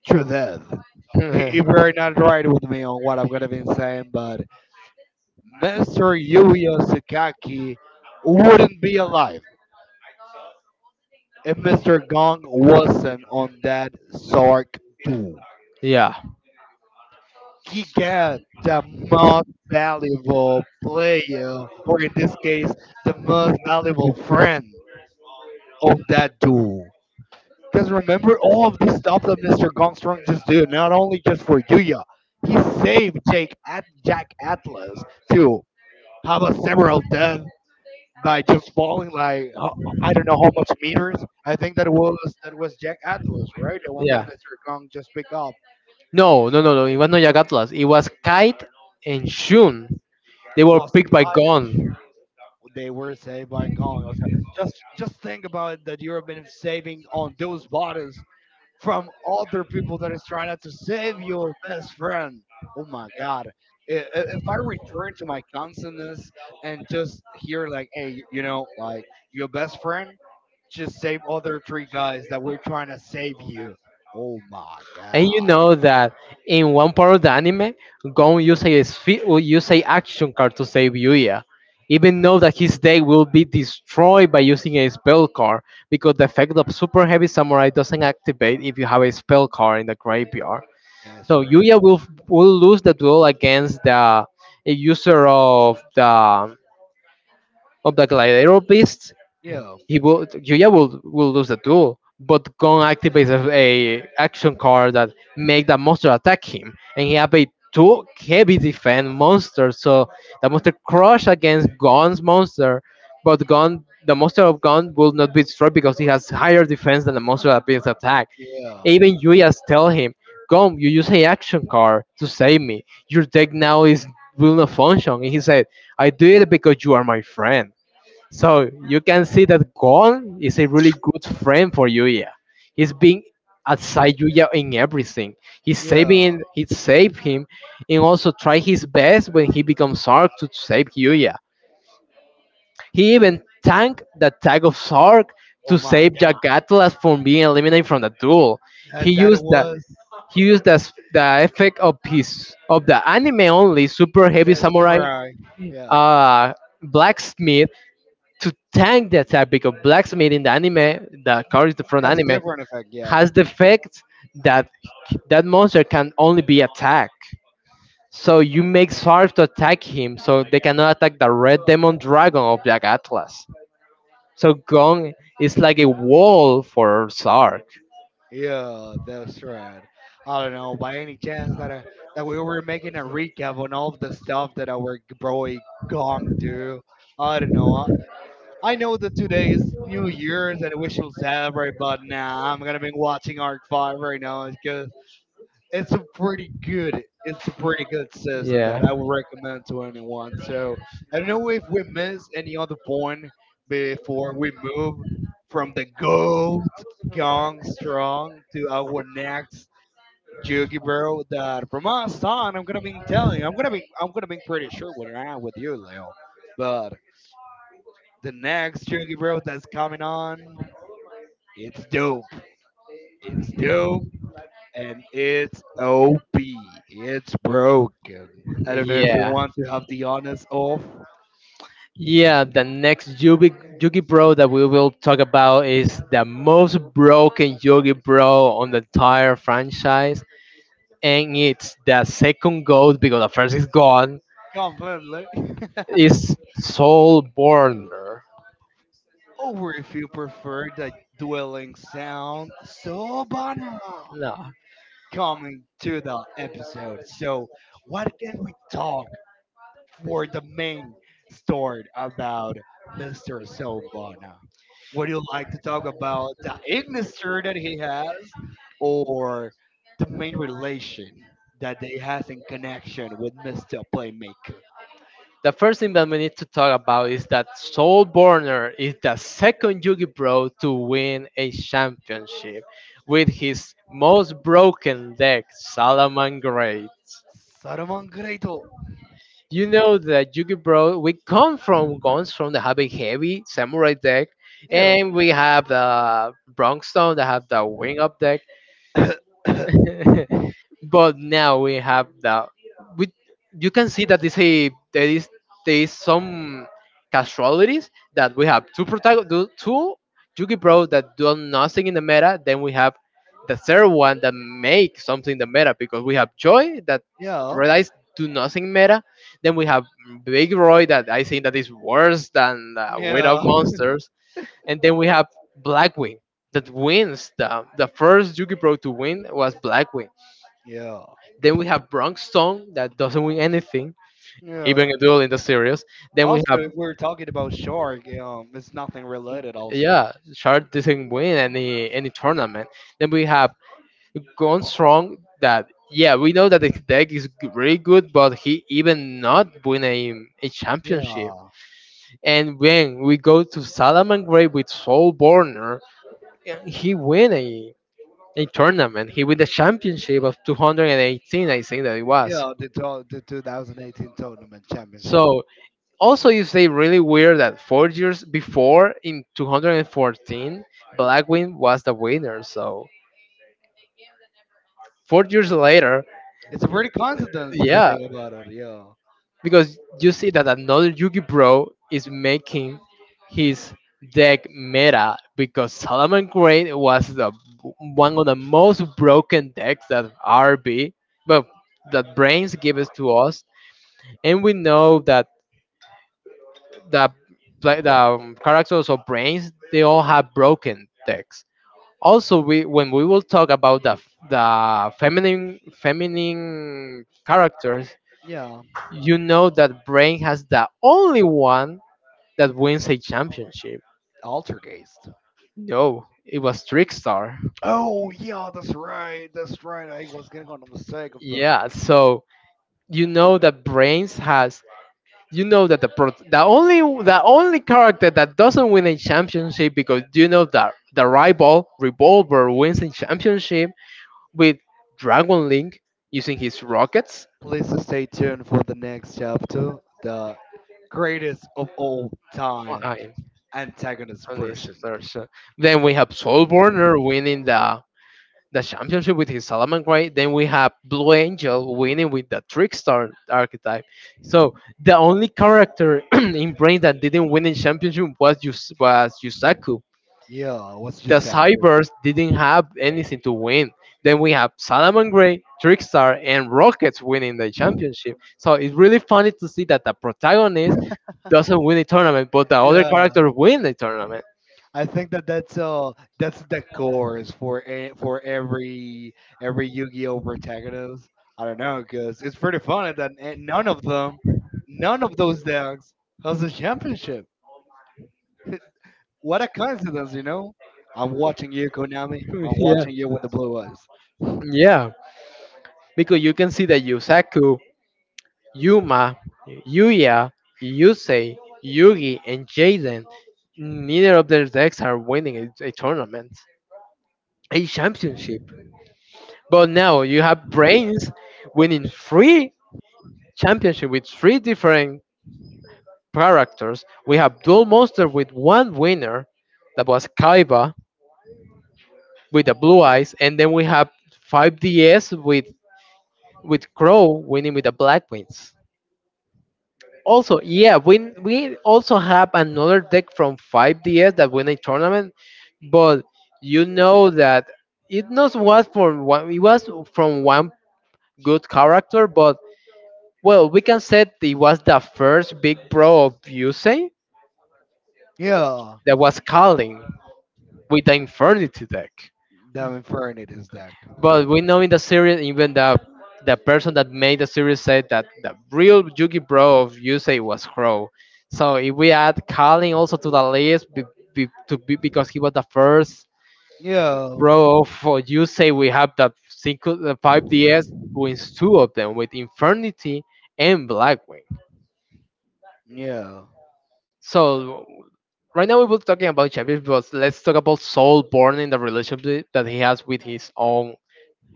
B: to death. If you're not right with me on what I'm gonna be saying, but Mr. Yuya Sakaki wouldn't be alive if Mr. Gong wasn't on that Sark duel.
A: Yeah,
B: He got the most valuable player, or in this case, the most valuable friend on that duel. Because remember all of this stuff that Mr. Gongstrong just did, not only just for Yuya, he saved Jake at Jack Atlas to have a several death by just falling like I don't know how much meters. I think that was Jack Atlas, right? The one that
A: yeah.
B: Mr. Gong just picked up
A: No, no, no, no. It was not Yagatlas. It was Kite and Shun. They were
B: was
A: picked by
B: guided.
A: Gon.
B: They were saved by Gong. Also, just think about that you've been saving on those bodies from other people that is trying to save your best friend. Oh my god. If I return to my consciousness and just hear like, hey, like, your best friend just save other three guys that were trying to save you. Oh my
A: And you
B: god.
A: know that in one part of the anime, Gon uses a sphi- will use a action card to save Yuya, even though that his day will be destroyed by using a spell card because the effect of super heavy samurai doesn't activate if you have a spell card in the graveyard.
B: That's
A: So
B: right.
A: Yuya will lose the duel against the a user of the gladiator beast.
B: Yeah.
A: He will Yuya will lose the duel, but Gon activates a action card that make that monster attack him, and he have a two heavy defense monster, so the monster crush against Gon's monster, but Gon the monster of Gon will not be destroyed because he has higher defense than the monster that being attacked.
B: Yeah.
A: Even Yuya tell him, Gon, you use a action card to save me. Your deck now is will not function, And he said, I do it because you are my friend. So you can see that Gon is a really good friend for Yuya. He's being outside Yuya in everything.
B: Yeah.
A: He saved him and also try his best when he becomes Sark to save Yuya. He even tanked the tag of Sark to
B: Oh my
A: save
B: god.
A: Jagatlas from being eliminated from the duel. He
B: That it
A: used the
B: was
A: he used the, the effect of his of the anime only super heavy
B: that
A: samurai
B: samurai. Yeah.
A: uh blacksmith to thank the attack, because blacksmith in the anime, the character from the
B: That's a
A: anime,
B: different effect, yeah.
A: has the effect that monster can only be attacked. So you make Sarf to attack him, so they cannot attack the red demon dragon of Black Atlas. So Gong is like a wall for Sark.
B: Yeah, that's right. I don't know, by any chance that we were making a recap on all of the stuff that our boy Gong do. I don't know. I know that today is New Year's and we should celebrate, but nah, I'm gonna be watching Arc Five right now because it's a pretty good system
A: Yeah.
B: that I would recommend to anyone. So I don't know if we miss any other point before we move from the gold gong strong to our next Jugi bro, that from us on, I'm gonna be pretty sure when I'm with you, Leo. But the next Jugi bro that's coming on, it's dope. It's dope. And it's OP. It's broken. I don't know if you
A: Yeah.
B: want to have the honest off
A: Yeah, the next Yugi Bro that we will talk about is the most broken Yugi Bro on the entire franchise, and it's the second goat because the first is gone.
B: completely,
A: Is Soul Burner?
B: or if you prefer the dwelling sound. So, Banana,
A: No.
B: coming to the episode. So, what can we talk for the main story about Mr. Sobana? Would you like to talk about the industry that he has or the main relation that they has in connection with Mr. Playmaker?
A: The first thing that we need to talk about is that Soul Burner is the second Yugi Bro to win a championship with his most broken deck, Salaman Great.
B: Saruman Greito.
A: You know that Yugi Bro, we come from guns from the Heavy Heavy Samurai deck,
B: Yeah.
A: and we have the Bronx Stone that have the Wing Up deck. But now we have that we you can see that this a there is some casualties that we have two Yugi Bro that do nothing in the meta, then we have the third one that make something in the meta because we have Joy that
B: Yeah.
A: realize do nothing meta, then we have Big Roy that I think that is worse than Weight of
B: Yeah.
A: Monsters, and then we have Blackwing that wins the first Yugi Bro to win was Blackwing,
B: Yeah.
A: then we have Bronx Stone that doesn't win anything,
B: Yeah.
A: even a duel in the series. Then we
B: Also,
A: have
B: if we're talking about shark, it's nothing related. Also,
A: yeah, Shard doesn't win any tournament. Then we have Gone Strong that yeah, we know that the deck is really good, but he even not win a championship.
B: yeah,
A: And when we go to Salaman Grey with Soul Borner, he win a tournament. He win the championship of 218, I think that it was.
B: yeah, the 2018 tournament championship.
A: So also, it's they really weird that 4 years before, in 214, Blackwing was the winner. So 4 years later,
B: It's a pretty coincidence if you
A: yeah,
B: think about it. Yeah.
A: because you see that another Yugi Bro is making his deck meta because Solomon Crane was the one of the most broken decks that RB, but that brains gives to us, and we know that the pla the characters or brains they all have broken decks. Also, we when we will talk about the the feminine feminine characters,
B: Yeah.
A: you know that Brain has the only one that wins a championship.
B: Altergeist.
A: No, it was Trickstar.
B: Oh, yeah, that's right. That's right. I was getting on the mistake of the.
A: Yeah, so you know that Brains has you know that the the only character that doesn't win a championship, because you know that the rival Revolver wins a championship with Dragon Link using his rockets.
B: Please stay tuned for the next chapter, the greatest of all
A: Oh,
B: time
A: I
B: antagonist
A: on this
B: version.
A: first, then we have Soulburner winning the championship with his Salamangreat. Then we have Blue Angel winning with the Trickstar archetype. So the only character in Brain that didn't win in championship was was Yusaku.
B: Yeah, what's your
A: The
B: second?
A: Cybers didn't have anything to win. Then we have Salamangreat, Trickstar, and Rockets winning the championship. So it's really funny to see that the protagonist doesn't win a tournament, but the other character win the tournament.
B: I think that that's the course for every Yu-Gi-Oh protagonist. I don't know because it's pretty funny that none of those decks has a championship. What a coincidence, you know? I'm watching you, Konami. I'm
A: yeah.
B: watching you with the blue eyes.
A: Yeah, because you can see that Yusaku, Yuma, Yuya, Yusei, Yugi, and Jaden, neither of their decks are winning a tournament, a championship. But now you have Brains winning three championship with three different characters. We have Dual Monster with one winner, that was Kaiba, with the blue eyes. And then we have 5DS with Crow winning with the Black Wings. Also, yeah, we also have another deck from 5DS that win a tournament, but you know that it not was from one it was from one good character. But well, we can say it was the first big pro of Yusei
B: Yeah,
A: that was calling with the Infernity deck.
B: that Infernape is deck.
A: But we know in the series, even the person that made the series said that the real Yugi Bro of Yusei was Crow. So if we add Kalin also to the list, because he was the first
B: Yeah,
A: Bro for Yusei, we have the 5DS wins two of them with Infernity and Blackwing.
B: yeah.
A: So right now we were talking about champions, but let's talk about Soulborn and the relationship that he has with his own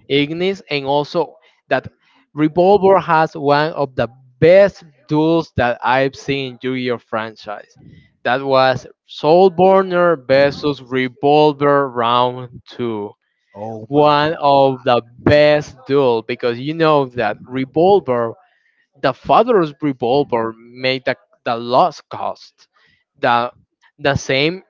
A: Ignis, and also that Revolver has one of the best duels that I've seen in Yu-Gi-Oh franchise. That was Soulburner versus Revolver round two.
B: Oh
A: One
B: my.
A: of the best duel, because you know that Revolver, the father's Revolver, made the lost cost. The the same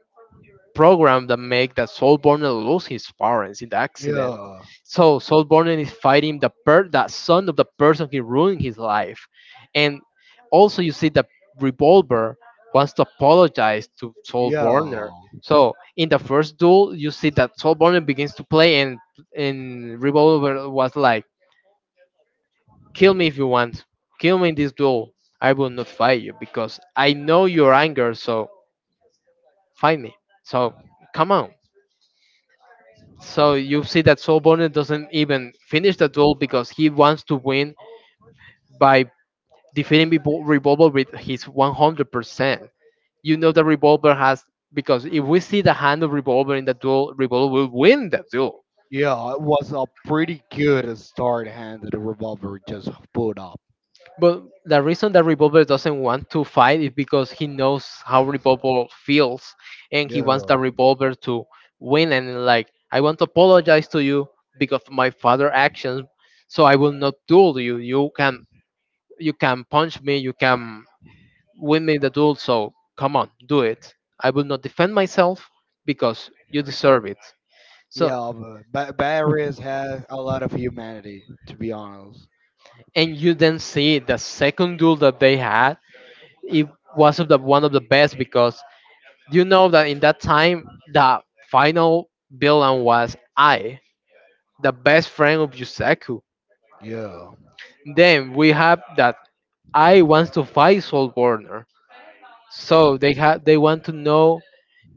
A: program that make that Saul lose his parents in the accident.
B: Yeah,
A: So Saul is fighting that son of the person he ruined his life, and also you see that revolver wants to apologize to Saul Borner.
B: yeah.
A: So in the first duel, you see that Saul Borner begins to play, and revolver was like, "Kill me if you want, kill me in this duel. I will not fight you because I know your anger. So fight me. So come on." So you see that Soul Bonnet doesn't even finish the duel because he wants to win by defeating Revol- Revolver with his 100%. You know that Revolver has, because if we see the hand of Revolver in the duel, Revolver will win the duel.
B: Yeah, it was a pretty good start hand that the revolver just put up.
A: But the reason that Revolver doesn't want to fight is because he knows how Revolver feels and he wants
B: Yeah,
A: the Revolver to win, and like, I want to apologize to you because of my father actions, so I will not duel you. You can punch me, you can win me the duel, so come on, do it. I will not defend myself because you deserve it. So,
B: yeah, but Barris has a lot of humanity, to be honest.
A: and you then see the second duel that they had, it was of the, one of the best because you know that in that time, the final villain was I, the best friend of Yusaku.
B: Yeah.
A: Then we have that I wants to fight Soul Warner. So they want to know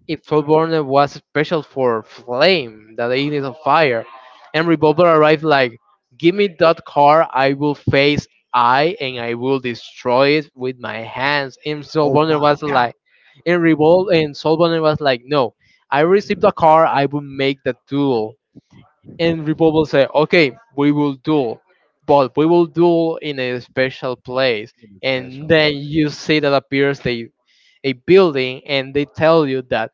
A: if Soulborn was special for Flame, the deity of fire, and Revolver arrived like, give me that car, I will face I and I will destroy it with my hands. And
B: Oh
A: Soulborn
B: my
A: was
B: God,
A: like, no, I received a car, I will make the duel. And Revolver said, okay, we will duel, but we will duel in a special place.
B: Ignis
A: And
B: special
A: then
B: play
A: you see that appears a building, and they tell you that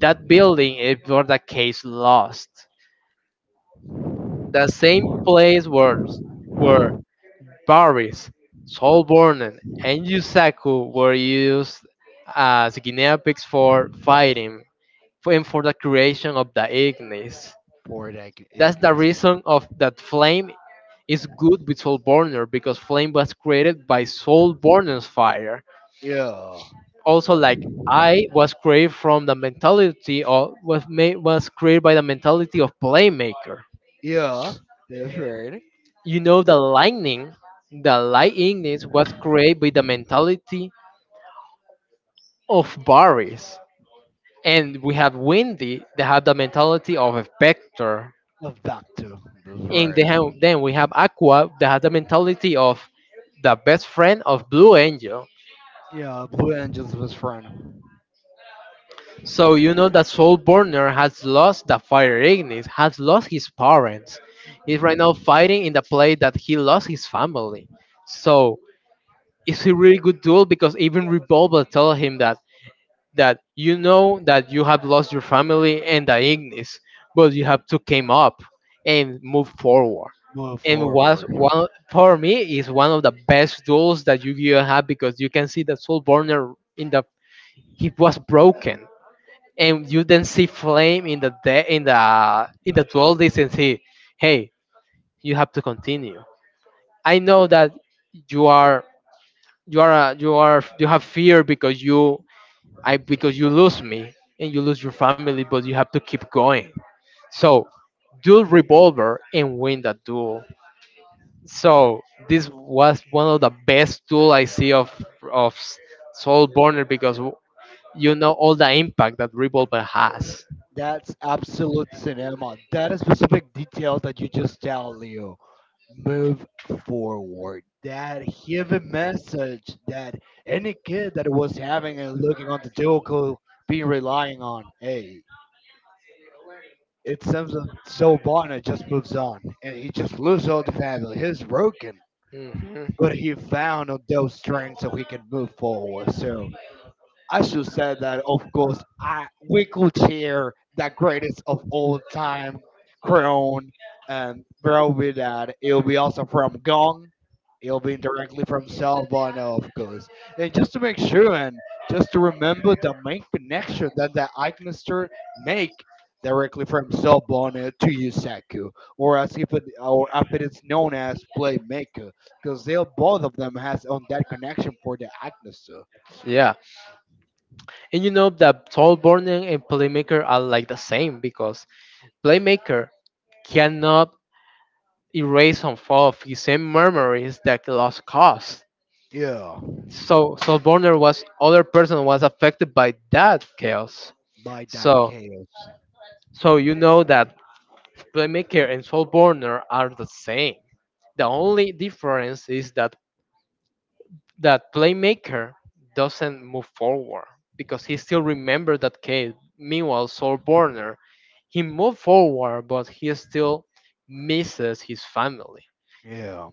A: that building is for the case lost. The same place where where Baris, Solborn, and Yusaku were used as guinea pigs for fighting and for the creation of the Ignis.
B: for that
A: That's the
B: Ignis play.
A: reason of that flame is good with Soulborner, because flame was created by Soulborner's fire.
B: Yeah,
A: Also, like I was created from the mentality of was made was created by the mentality of playmaker.
B: yeah, that's right.
A: You know, the lightning was created by the mentality of Varys. And we have Windy that have the mentality of a Vector.
B: Of doctor, that's
A: And
B: right.
A: they have, then we have Aqua that has the mentality of the best friend of Blue Angel.
B: Yeah, Blue Angels was friend.
A: So you know that Soul Burner has lost the Fire Ignis, has lost his parents. He's right now fighting in the play that he lost his family. So it's a really good duel, because even Revolver tell him that you know that you have lost your family and the Ignis, but you have to came up and move forward.
B: Move
A: And was
B: forward.
A: one, for me is one of the best duels that Yu-Gi-Oh had, because you can see the Soul Burner in the, he was broken, and you then see Flame in in the duel this and see, hey, you have to continue. I know that you are you have fear because you I because you lose me and you lose your family, but you have to keep going. So duel revolver and win that duel. So this was one of the best duel I see of of S- Soul Burner, because you know all the impact that revolver has.
B: That's absolute cinema. That is specific detail that you just tell Leo. Move forward. That hidden message that any kid that was having and looking on the deal could be relying on. Hey, it seems that so Bonner just moves on and he just loses all the family. He's broken.
A: Mhm.
B: But he found on those strengths so he can move forward. So I should say that, of course, I we could share the greatest of all time, Crown, and probably that it'll be also from Gong. It'll be directly from Sal Bono, of course. And just to make sure, and just to remember the main connection that the Eichmeister make directly from Sal Bono to Yusaku, or if it is known as Playmaker, because they both of them has on that connection for the Eichmeister.
A: Yeah, and you know that Soul Burner and Playmaker are like the same, because Playmaker cannot erase some of his same memories that lost cause.
B: Yeah,
A: So so Borner was other person was affected by that chaos.
B: by that
A: So
B: chaos.
A: so you know that playmaker and soul burner are the same. The only difference is that playmaker doesn't move forward because he still remembers that case. Meanwhile, soul burner, he moved forward, but he still misses his family.
B: Yeah,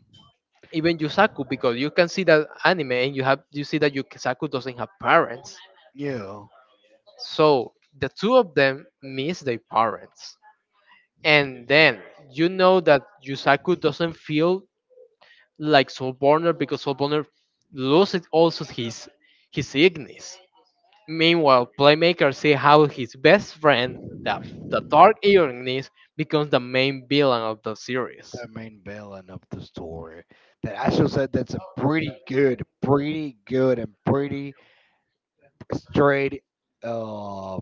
A: Even Yusaku, because you can see that anime and you see that Yusaku doesn't have parents.
B: yeah.
A: So the two of them miss their parents. And then you know that Yusaku doesn't feel like Soul Burner, because Soul Burner loses also his Ignis. Meanwhile, Playmaker see how his best friend, the Dark Ignis, becomes the main villain of the series.
B: The main villain of the story. That I should say that's a pretty good, and pretty straight, um,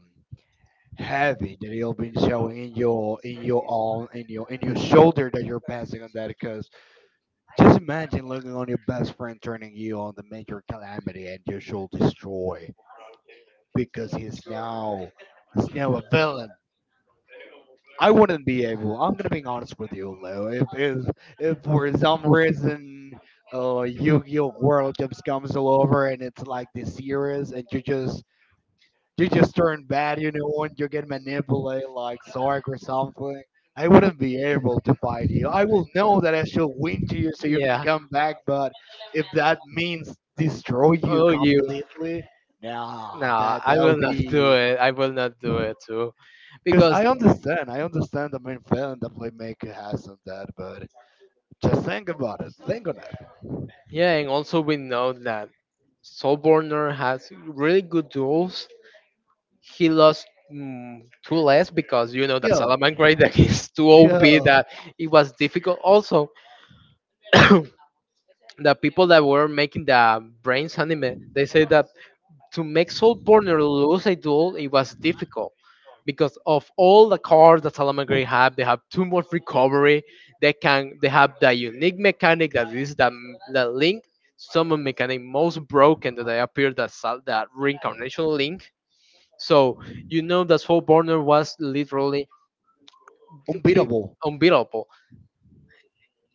B: heavy that you've been showing in your arm, in your shoulder that you're passing on that. Because just imagine looking on your best friend turning you on the major calamity and you shall destroy because he's now a villain. I wouldn't be able. I'm gonna be honest with you, Leo. If for some reason, Yu-Gi-Oh World just comes all over and it's like this series, and you just turn bad, you know, and you get manipulated like Sark or something. I wouldn't be able to fight you. I will know that I should win to you so you can
A: Yeah.
B: come back, but if that means destroy you
A: Oh, you.
B: completely,
A: No,
B: nah, that
A: I
B: that'll
A: will not do
B: be
A: it. I will not do it too.
B: because
A: Because,
B: I understand the main feeling the playmaker has on that, but just think about it, think on it.
A: yeah, and also we know that Saul Borner has really good duels. He lost, mm, two less because you know that
B: Yo,
A: Salaman Gray that is too OP,
B: yo,
A: that it was difficult. Also, the people that were making the Brains anime, they say that to make Soul Burner lose a duel, it was difficult because of all the cards that Salamangre have. They have too much recovery. They have the unique mechanic that is the link summon mechanic most broken that they appeared, that Sal- that reincarnation link. So you know that Soul Burner was literally, i-
B: unbeatable.
A: unbeatable.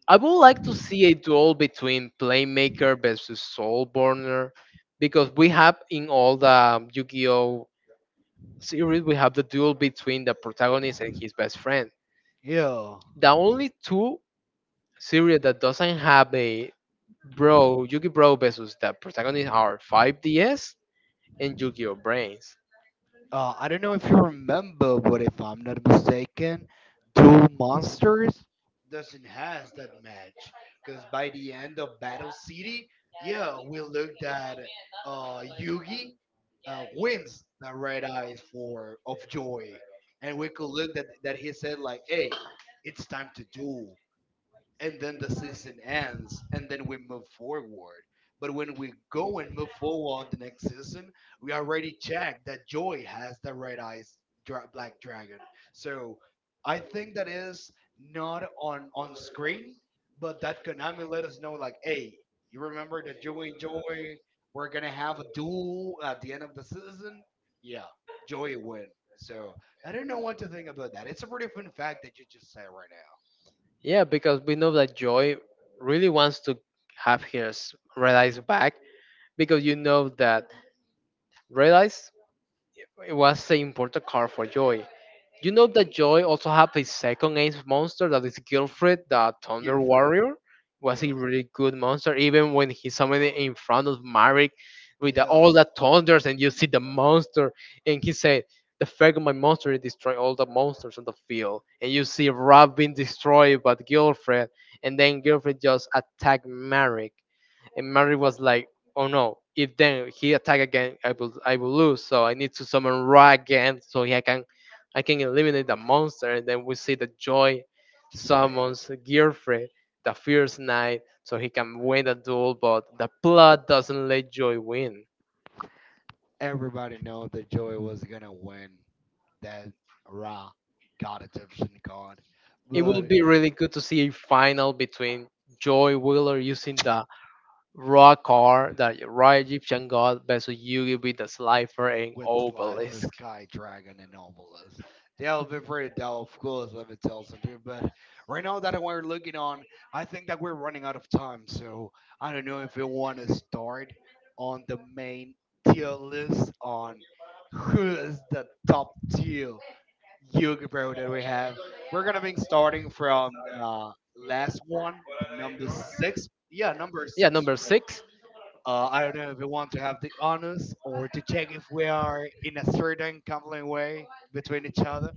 A: I would like to see a duel between Playmaker versus Soul Burner, because we have in all the Yu-Gi-Oh series we have the duel between the protagonist and his best friend.
B: Yo,
A: The only two series that doesn't have a bro Yugi Bro versus the protagonist are 5DS and Yu-Gi-Oh Brains.
B: I don't know if you remember, but if I'm not mistaken, Duel Monsters doesn't has that match because by the end of Battle City, yeah, we looked at Yugi wins the red eyes for of joy, and we could look that he said like, "Hey, it's time to duel." And then the season ends and then we move forward. But when we go and move forward on the next season, we already checked that Joy has the red eyes black dragon. So I think that is not on screen, but that Konami let us know like, hey, you remember that Joy and Joy were gonna have a duel at the end of the season? Yeah, Joy win. So I don't know what to think about that. It's a pretty fun fact that you just said right now.
A: Yeah, because we know that Joy really wants to have his Red Eyes back, because you know that Red Eyes, it was an important card for Joy. You know that Joy also had a second ace monster that is Gilfred, the
B: Here
A: Thunder
B: for it.
A: Warrior. Was a
B: Yeah.
A: really good monster, even when he summoned it in front of Marek with the,
B: Yo,
A: all the thunders, and you see the monster, and he said, "The fact of my monster is destroy all the monsters on the field." And you see Rob being destroyed, but Gilfred, and then Gilfred just attacked Marek, and Marek was like, oh no, if then he attack again, I will, I will lose, so I need to summon Ra again, so he, I can I can eliminate the monster. And then we see the joy
B: just fade.
A: summons gearfrey, the fierce knight, so he can win the duel, but the plot doesn't let joy win.
B: Everybody know that Joey was gonna win that Raw God Egyptian God,
A: It will
B: but
A: be really good to see a final between joy wheeler using the raw car, the raw egyptian god, versus yugi with the slifer and
B: with his life as
A: obelisk.
B: Sky Dragon and Obelisk. That would be pretty dope, of course, if it tells us to. But right now that we're looking on, I think that we're running out of time. So I don't know if you want to start on the main tier list on who is the top tier yoga bro that we have. We're gonna be starting from uh, last one, number six. Yeah, number
A: Yeah,
B: six.
A: number
B: Right.
A: six.
B: I don't know if we want to have the honors or to check if we are in a certain compelling way between each other.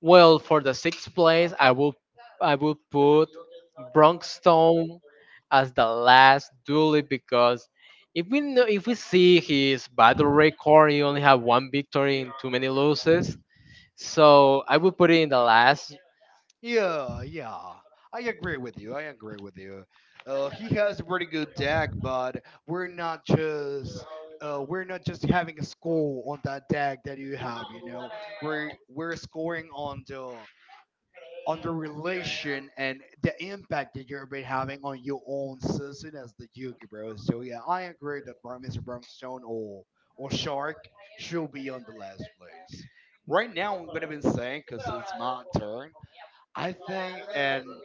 A: Well, for the sixth place, I will put Bronxstone as the last duelie because, if we know, if we see his battle record, he only have one victory and too many losses. So I will put it in the last.
B: Yeah, yeah. I agree with you. He has a pretty good deck, but we're not just we're not just having a score on that deck that you have. You know, we're scoring on the relation and the impact that you've been having on your own season as the Yugi bro. So yeah, I agree that Mr. Brownstone or Shark should be on the last place. Right now, I'm gonna be saying because it's my turn. I think, and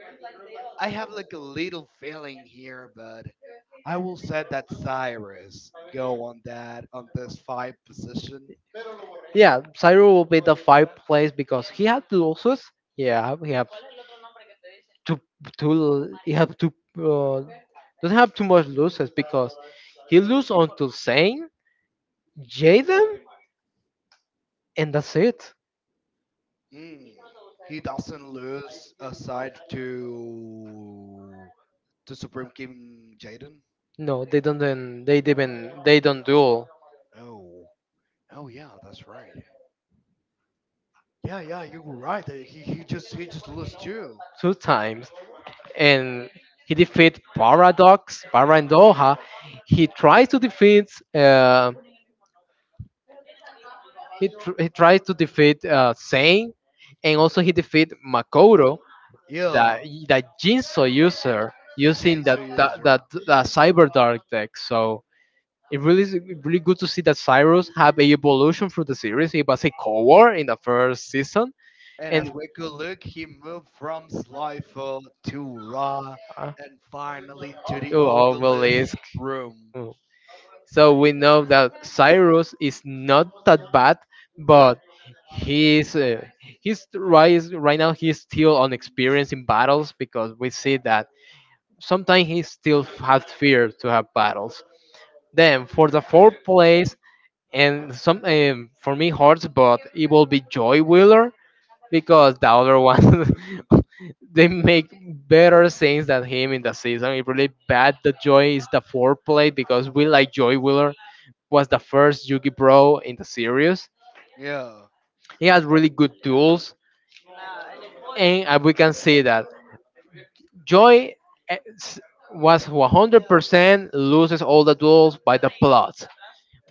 B: I have like a little feeling here, but I will say that Cyrus go on that on this five position.
A: Yeah, Cyril will be the five place because he had two losses. Yeah, two he have two, uh, doesn't have too much losses because he lose on to Zane, Jaden, and that's it.
B: Mm, he doesn't lose aside to. To Supreme King Jaden.
A: No, they don't. Then They didn't. They don't duel
B: Oh, oh yeah, that's right. Yeah, yeah, you were right. He just lost too.
A: two times, and he defeat Paradox, Para and Doha. He tries to defeat. Uh, he tries to defeat, Sane, and also he defeat Makoto, that
B: Yeah,
A: that Jinso user
B: the
A: using
B: Jinsu
A: that,
B: user.
A: that Cyber Dark deck. So. It really is really good to see that Cyrus have a evolution through the series. He was a core in the first season,
B: And
A: and
B: as we could look, he moved from Slifer to Ra,
A: Uh,
B: and finally to the
A: you
B: obelisk
A: obelisk.
B: room.
A: Mm. So we know that Cyrus is not that bad, but he's uh, he's right now he's still unexperienced in battles because we see that sometimes he still has fear to have battles. Then for the fourth place and some for me hurts, but it will be Joy Wheeler because the other one they make better things than him in the season. It's really bad that Joy is the foreplay because we like Joy Wheeler was the first Yugi Bro in the series.
B: Yeah,
A: He has really good tools, and we can see that Joy eh, s- was 100% loses all the duels by the plot,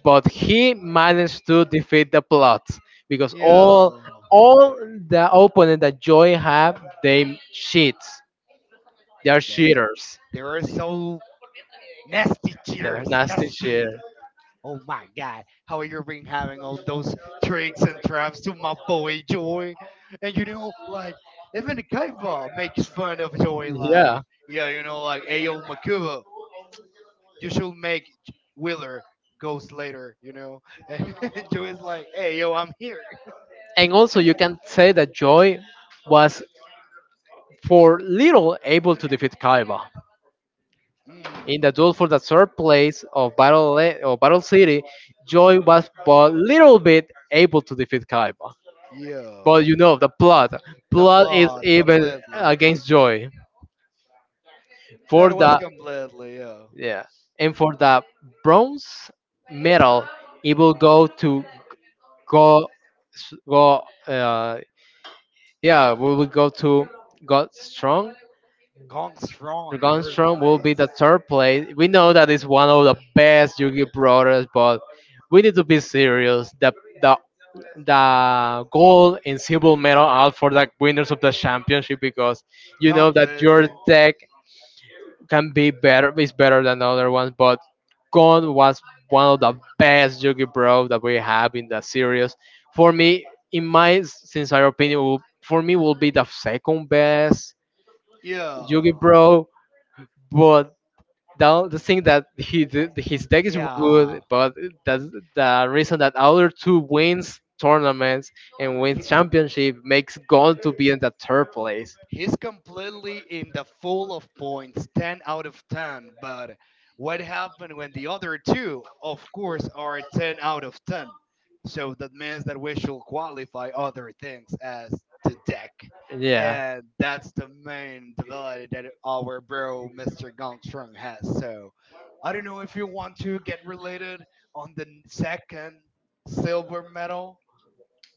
A: but he managed to defeat the plot because all
B: yeah.
A: all the opponent that Joy have they cheats. They are
B: That
A: cheaters.
B: they were so nasty
A: They're
B: cheaters,
A: nasty
B: nasty.
A: cheaters.
B: Oh my God, how you been having all those tricks and traps to my boy Joy? And you know, like, even Kaiba makes fun of Joy, like,
A: Yeah.
B: yeah, you know, like, hey yo, Makuba, you should make Wheeler ghost later, you know? And Joy's like, hey, yo, I'm here.
A: And also, you can say that Joy was for little able to defeat Kaiba. In
B: Mm,
A: the duel for the third place of or Battle City, Joy was but little bit able to defeat Kaiba.
B: yeah,
A: But you know, the blood.
B: the
A: Blood is
B: plot
A: even
B: completely.
A: against Joy. For
B: That was
A: the,
B: completely, yeah.
A: yeah. And for the bronze medal, it will go to Go, Go, uh, yeah, we will go to God Strong.
B: Gone strong,
A: Dragon
B: dude.
A: Strong will be the third place. We know that it's one of the best Yugi brothers, but we need to be serious. The the gold and silver medal out for the winners of the championship because you know that your
B: Completely.
A: deck can be better is better than the other ones, but Gon was one of the best Yugi Bro that we have in the series. For me, in my sincere opinion, will, for me will be the second best Yugi
B: Yeah.
A: Bro, but down the thing that his deck is good,
B: Yeah.
A: but that's the reason that other two wins tournaments and wins
B: He,
A: championship makes Gon to be in the third place.
B: He's completely in the full of points, 10 out of 10. But what happened when the other two, of course, are 10 out of 10? So that means that we should qualify other things as the deck.
A: Yeah.
B: And that's the main development that our bro, Mr. Gongstrong, has. So I don't know if you want to get related on the second silver medal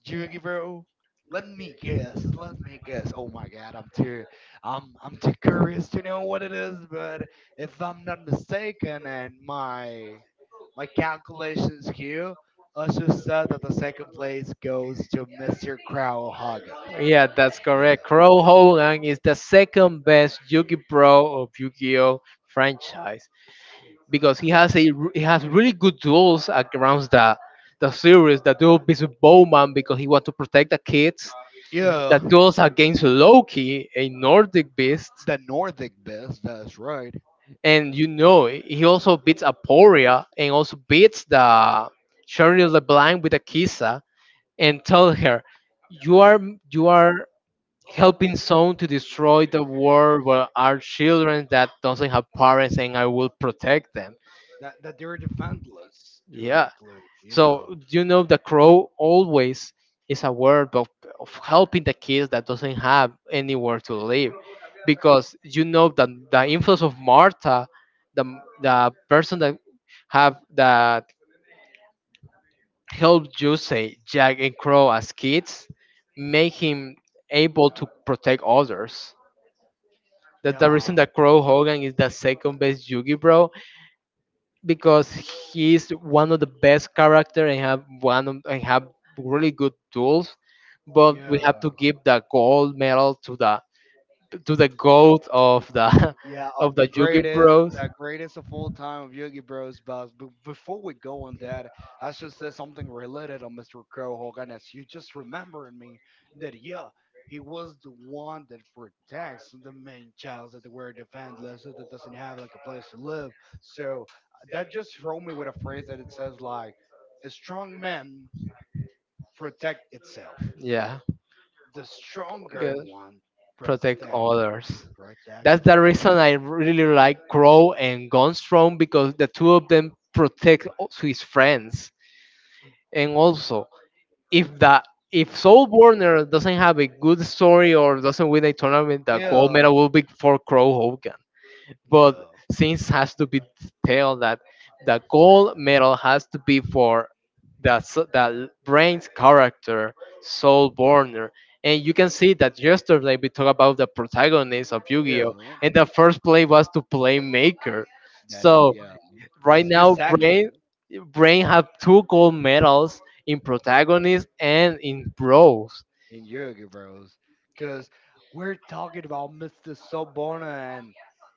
B: Yugi, bro. Let me guess. Oh my God, I'm too curious to know what it is. But if I'm not mistaken, and my calculations here, also said that the second place goes to Mr. Crow Hagen.
A: Yeah, that's
B: Yeah.
A: correct. Crow Hogan is the second best Yugi Pro of Yu-Gi-Oh franchise because he has really good duels around the series. The duel with Bowman because he wants to protect the kids,
B: Yeah.
A: that goes against Loki, a Nordic beast,
B: The Nordic best. That's right.
A: and you know he also beats Aporia and also beats the Shirley LeBlanc with Akisa and tell her, you are you are helping someone to destroy the world where are children that doesn't have parents and I will protect them.
B: That, that they're defenseless
A: Yeah.
B: directly. Yeah.
A: So you know the crow always is aware of helping the kids that doesn't have anywhere to live, because you know that the influence of Martha, the person that have that helped you say Jack and Crow as kids, make him able to protect others. That's the reason
B: Yeah.
A: that Crow Hogan is the second best Yugi bro because he's one of the best character and have one of, and have really good tools, but we
B: Yeah.
A: have to give the gold medal to the goat of the
B: Yeah, of
A: of the Yugi Bros.
B: the greatest of all time of Yogi Bros. But before we go on that, I should say something related on Mr. Crow Hogan. As you just remembering me that yeah, he was the one that protects the main child that were defenseless so that doesn't have like a place to live. So that just throw me with a phrase that it says like a strong man protect itself,
A: Yeah.
B: the stronger
A: Good.
B: one
A: Protect
B: protect.
A: others.
B: Right that
A: That's
B: all
A: the
B: the,
A: reason I really like Crow and Gunstrom because the two of them protect his friends. And also, if the if Soul Borner doesn't have a good story or doesn't win a tournament, the gold
B: yeah.
A: medal will be for Crow Hogan. But
B: Yeah.
A: since has to be tell that the gold medal has to be for the the brain's character Soul Borner. And you can see that yesterday we talked about the protagonist of
B: Yeah.
A: Yu-Gi-Oh! And the first play was to play Maker.
B: That it-
A: So
B: yeah.
A: right
B: Was you
A: now, Brain
B: second
A: Brain have two gold medals in protagonist and in bros.
B: in Yoga Bros? Cause we're talking about Mr. Sobona and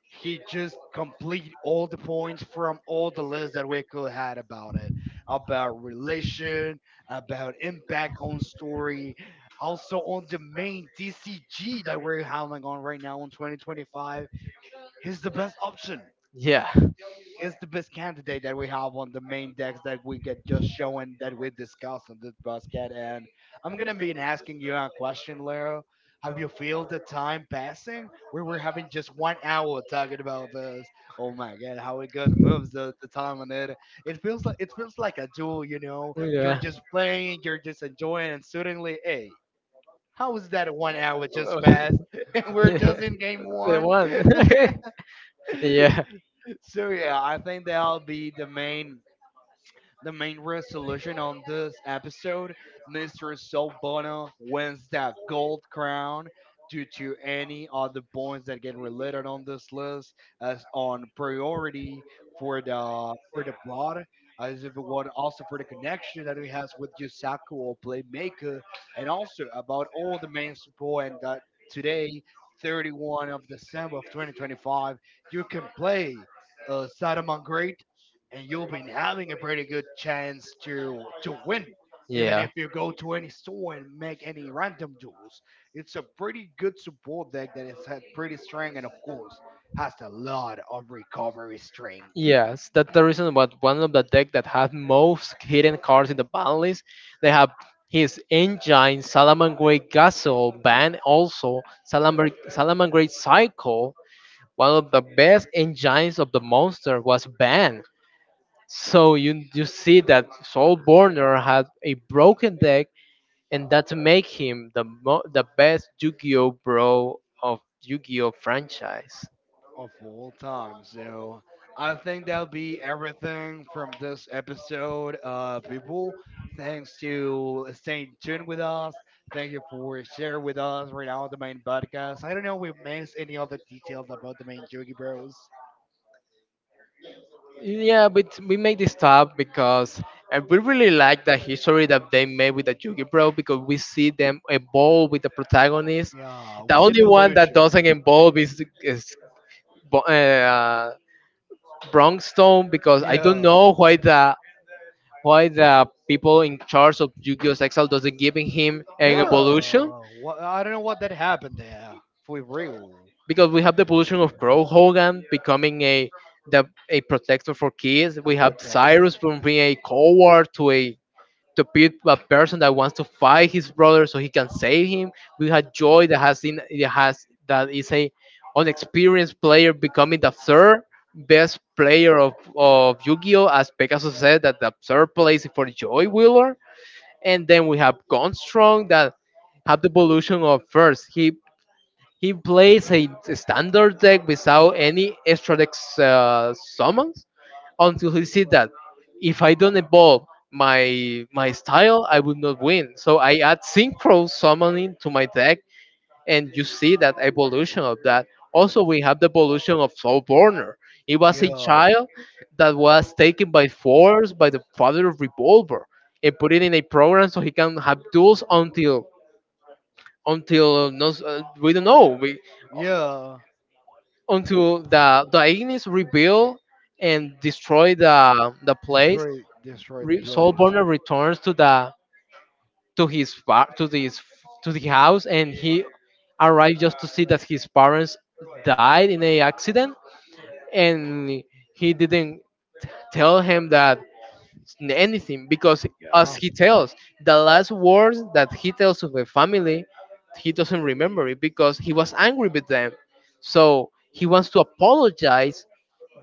B: he just complete all the points from all the lists that we could had about it. About relation, about impact on story, also on the main DCG that we're handling on right now in 2025. He's the best option.
A: Yeah.
B: He's the best candidate that we have on the main decks that we get just showing that we discussed on this basket. And I'm gonna be asking you a question, Leo. Have you feel the time passing? We were having just 1 hour talking about this. Oh my god, how it good moves the time on it. It feels like a duel, you know.
A: Yeah.
B: You're just enjoying, and suddenly, hey, how is that 1 hour just passed? And
A: yeah.
B: we're just in game one.
A: The yeah.
B: So yeah, I think that'll be the main resolution on this episode, Mr. Sol wins that gold crown due to any other points that get related on this list as on priority for the plot, as if it would also for the connection that he has with Yusaku or Playmaker, and also about all the main support and that today, 31st of December of 2025, you can play Saruman and you've been having a pretty good chance to win. Even
A: Yeah.
B: if you go to any store and make any random duels, it's a pretty good support deck that has had pretty strong and of course has a lot of recovery strength
A: Yes, that's the reason why one of the deck that have most hidden cards in the ban list. They have his engine, Salaman Great Gasol ban, also Salaman Great Cycle, one of the best engines of the monster was banned. So you see that Soulborner had a broken deck, and that make him the the best Yu-Gi-Oh bro of Yu-Gi-Oh franchise.
B: of all time. So I think that'll be everything from this episode, people. Thanks to staying tuned with us. Thank you for sharing with us right now the main podcast. I don't know if we missed any other details about the main Yogi Bros.
A: Yeah, but we made this stop because we really like the history that they made with the Yugi Bro because we see them evolve with the protagonist.
B: Yeah,
A: The
B: within
A: only one that
B: evolution.
A: doesn't evolve is Bo- uh, Bronxstone because I don't
B: Yeah.
A: know why the people in charge of Yu-Gi-Oh! Exile doesn't giving him an evolution
B: Yeah. What, I don't know what that happened there. For real.
A: because we have the evolution of Crow Hogan becoming a the, a protector for kids.
B: A
A: We have
B: protector.
A: Cyrus from being a coward to a to be a person that wants to fight his brother so he can save him. We had Joy that has in it has that is a unexperienced player becoming the third best player of Yu-Gi-Oh! As Pegasus said that the third place is for Joy Wheeler. And then we have Gunstrong that have the evolution of first. He plays a standard deck without any extra deck summons until he said that if I don't evolve my style, I will not win. So I add synchro summoning to my deck, and you see that evolution of that. Also, we have the evolution of Soulborner. It was a
B: Yeah.
A: child that was taken by force by the father of Revolver and put it in a program so he can have duels until we don't know we,
B: Yeah.
A: until the Ignis rebuild and destroy the place,
B: Destroy the place.
A: Soulburner returns to the to his to the house, and he arrived just to see that his parents died in a accident, and he didn't tell him that anything because
B: Yeah.
A: as he tells the last words that he tells of the family, he doesn't remember it because he was angry with them, so he wants to apologize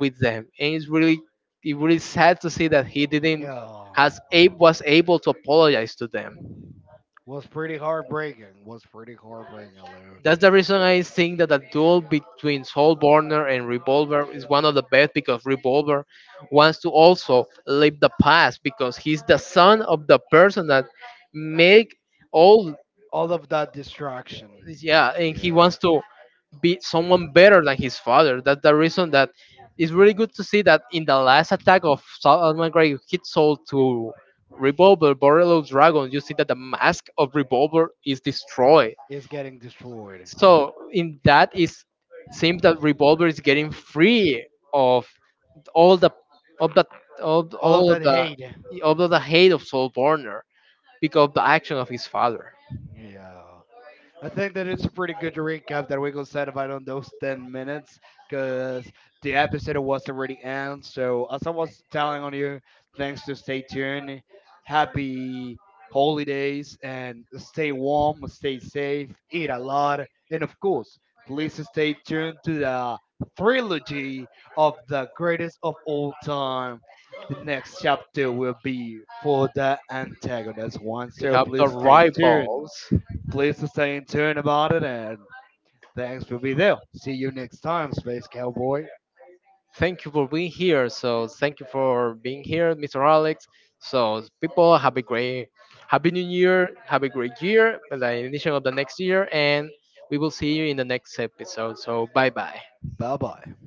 A: with them, and it's really it really sad to see that he didn't
B: Yeah.
A: has abe was able to apologize to them.
B: Was pretty heartbreaking, Lou.
A: That's the reason I think that the duel between Soul Burner and Revolver is one of the best because Revolver wants to also live the past because he's the son of the person that make all,
B: All of that distraction
A: yeah, and he wants to be someone better than his father. That's the reason that it's really good to see that in the last attack of Solomon Grey hit Soul to Revolver Borrello Dragon, you see that the mask of Revolver is destroyed.
B: is getting destroyed.
A: So in that is seems that Revolver is getting free of all the of
B: All of
A: all
B: that hate.
A: of the hate of Soul Burner because of the action of his father.
B: Yeah. I think that it's a pretty good recap that we could satisfied on those 10 minutes because the episode was already end. So, as I was telling on you, thanks to stay tuned. Happy holidays and stay warm, stay safe, eat a lot. And of course, please stay tuned to the trilogy of the greatest of all time. The next chapter will be for the antagonist one.
A: We
B: So,
A: have the
B: please stay tuned.
A: rivals.
B: Please to stay in tune about it, and thanks for being there. See you next time, Space Cowboy.
A: Thank you for being here. So thank you for being here, Mr. Alex. So people have a great happy new year. Have a great year, the initial of the next year, and we will see you in the next episode. So bye bye.
B: Bye bye.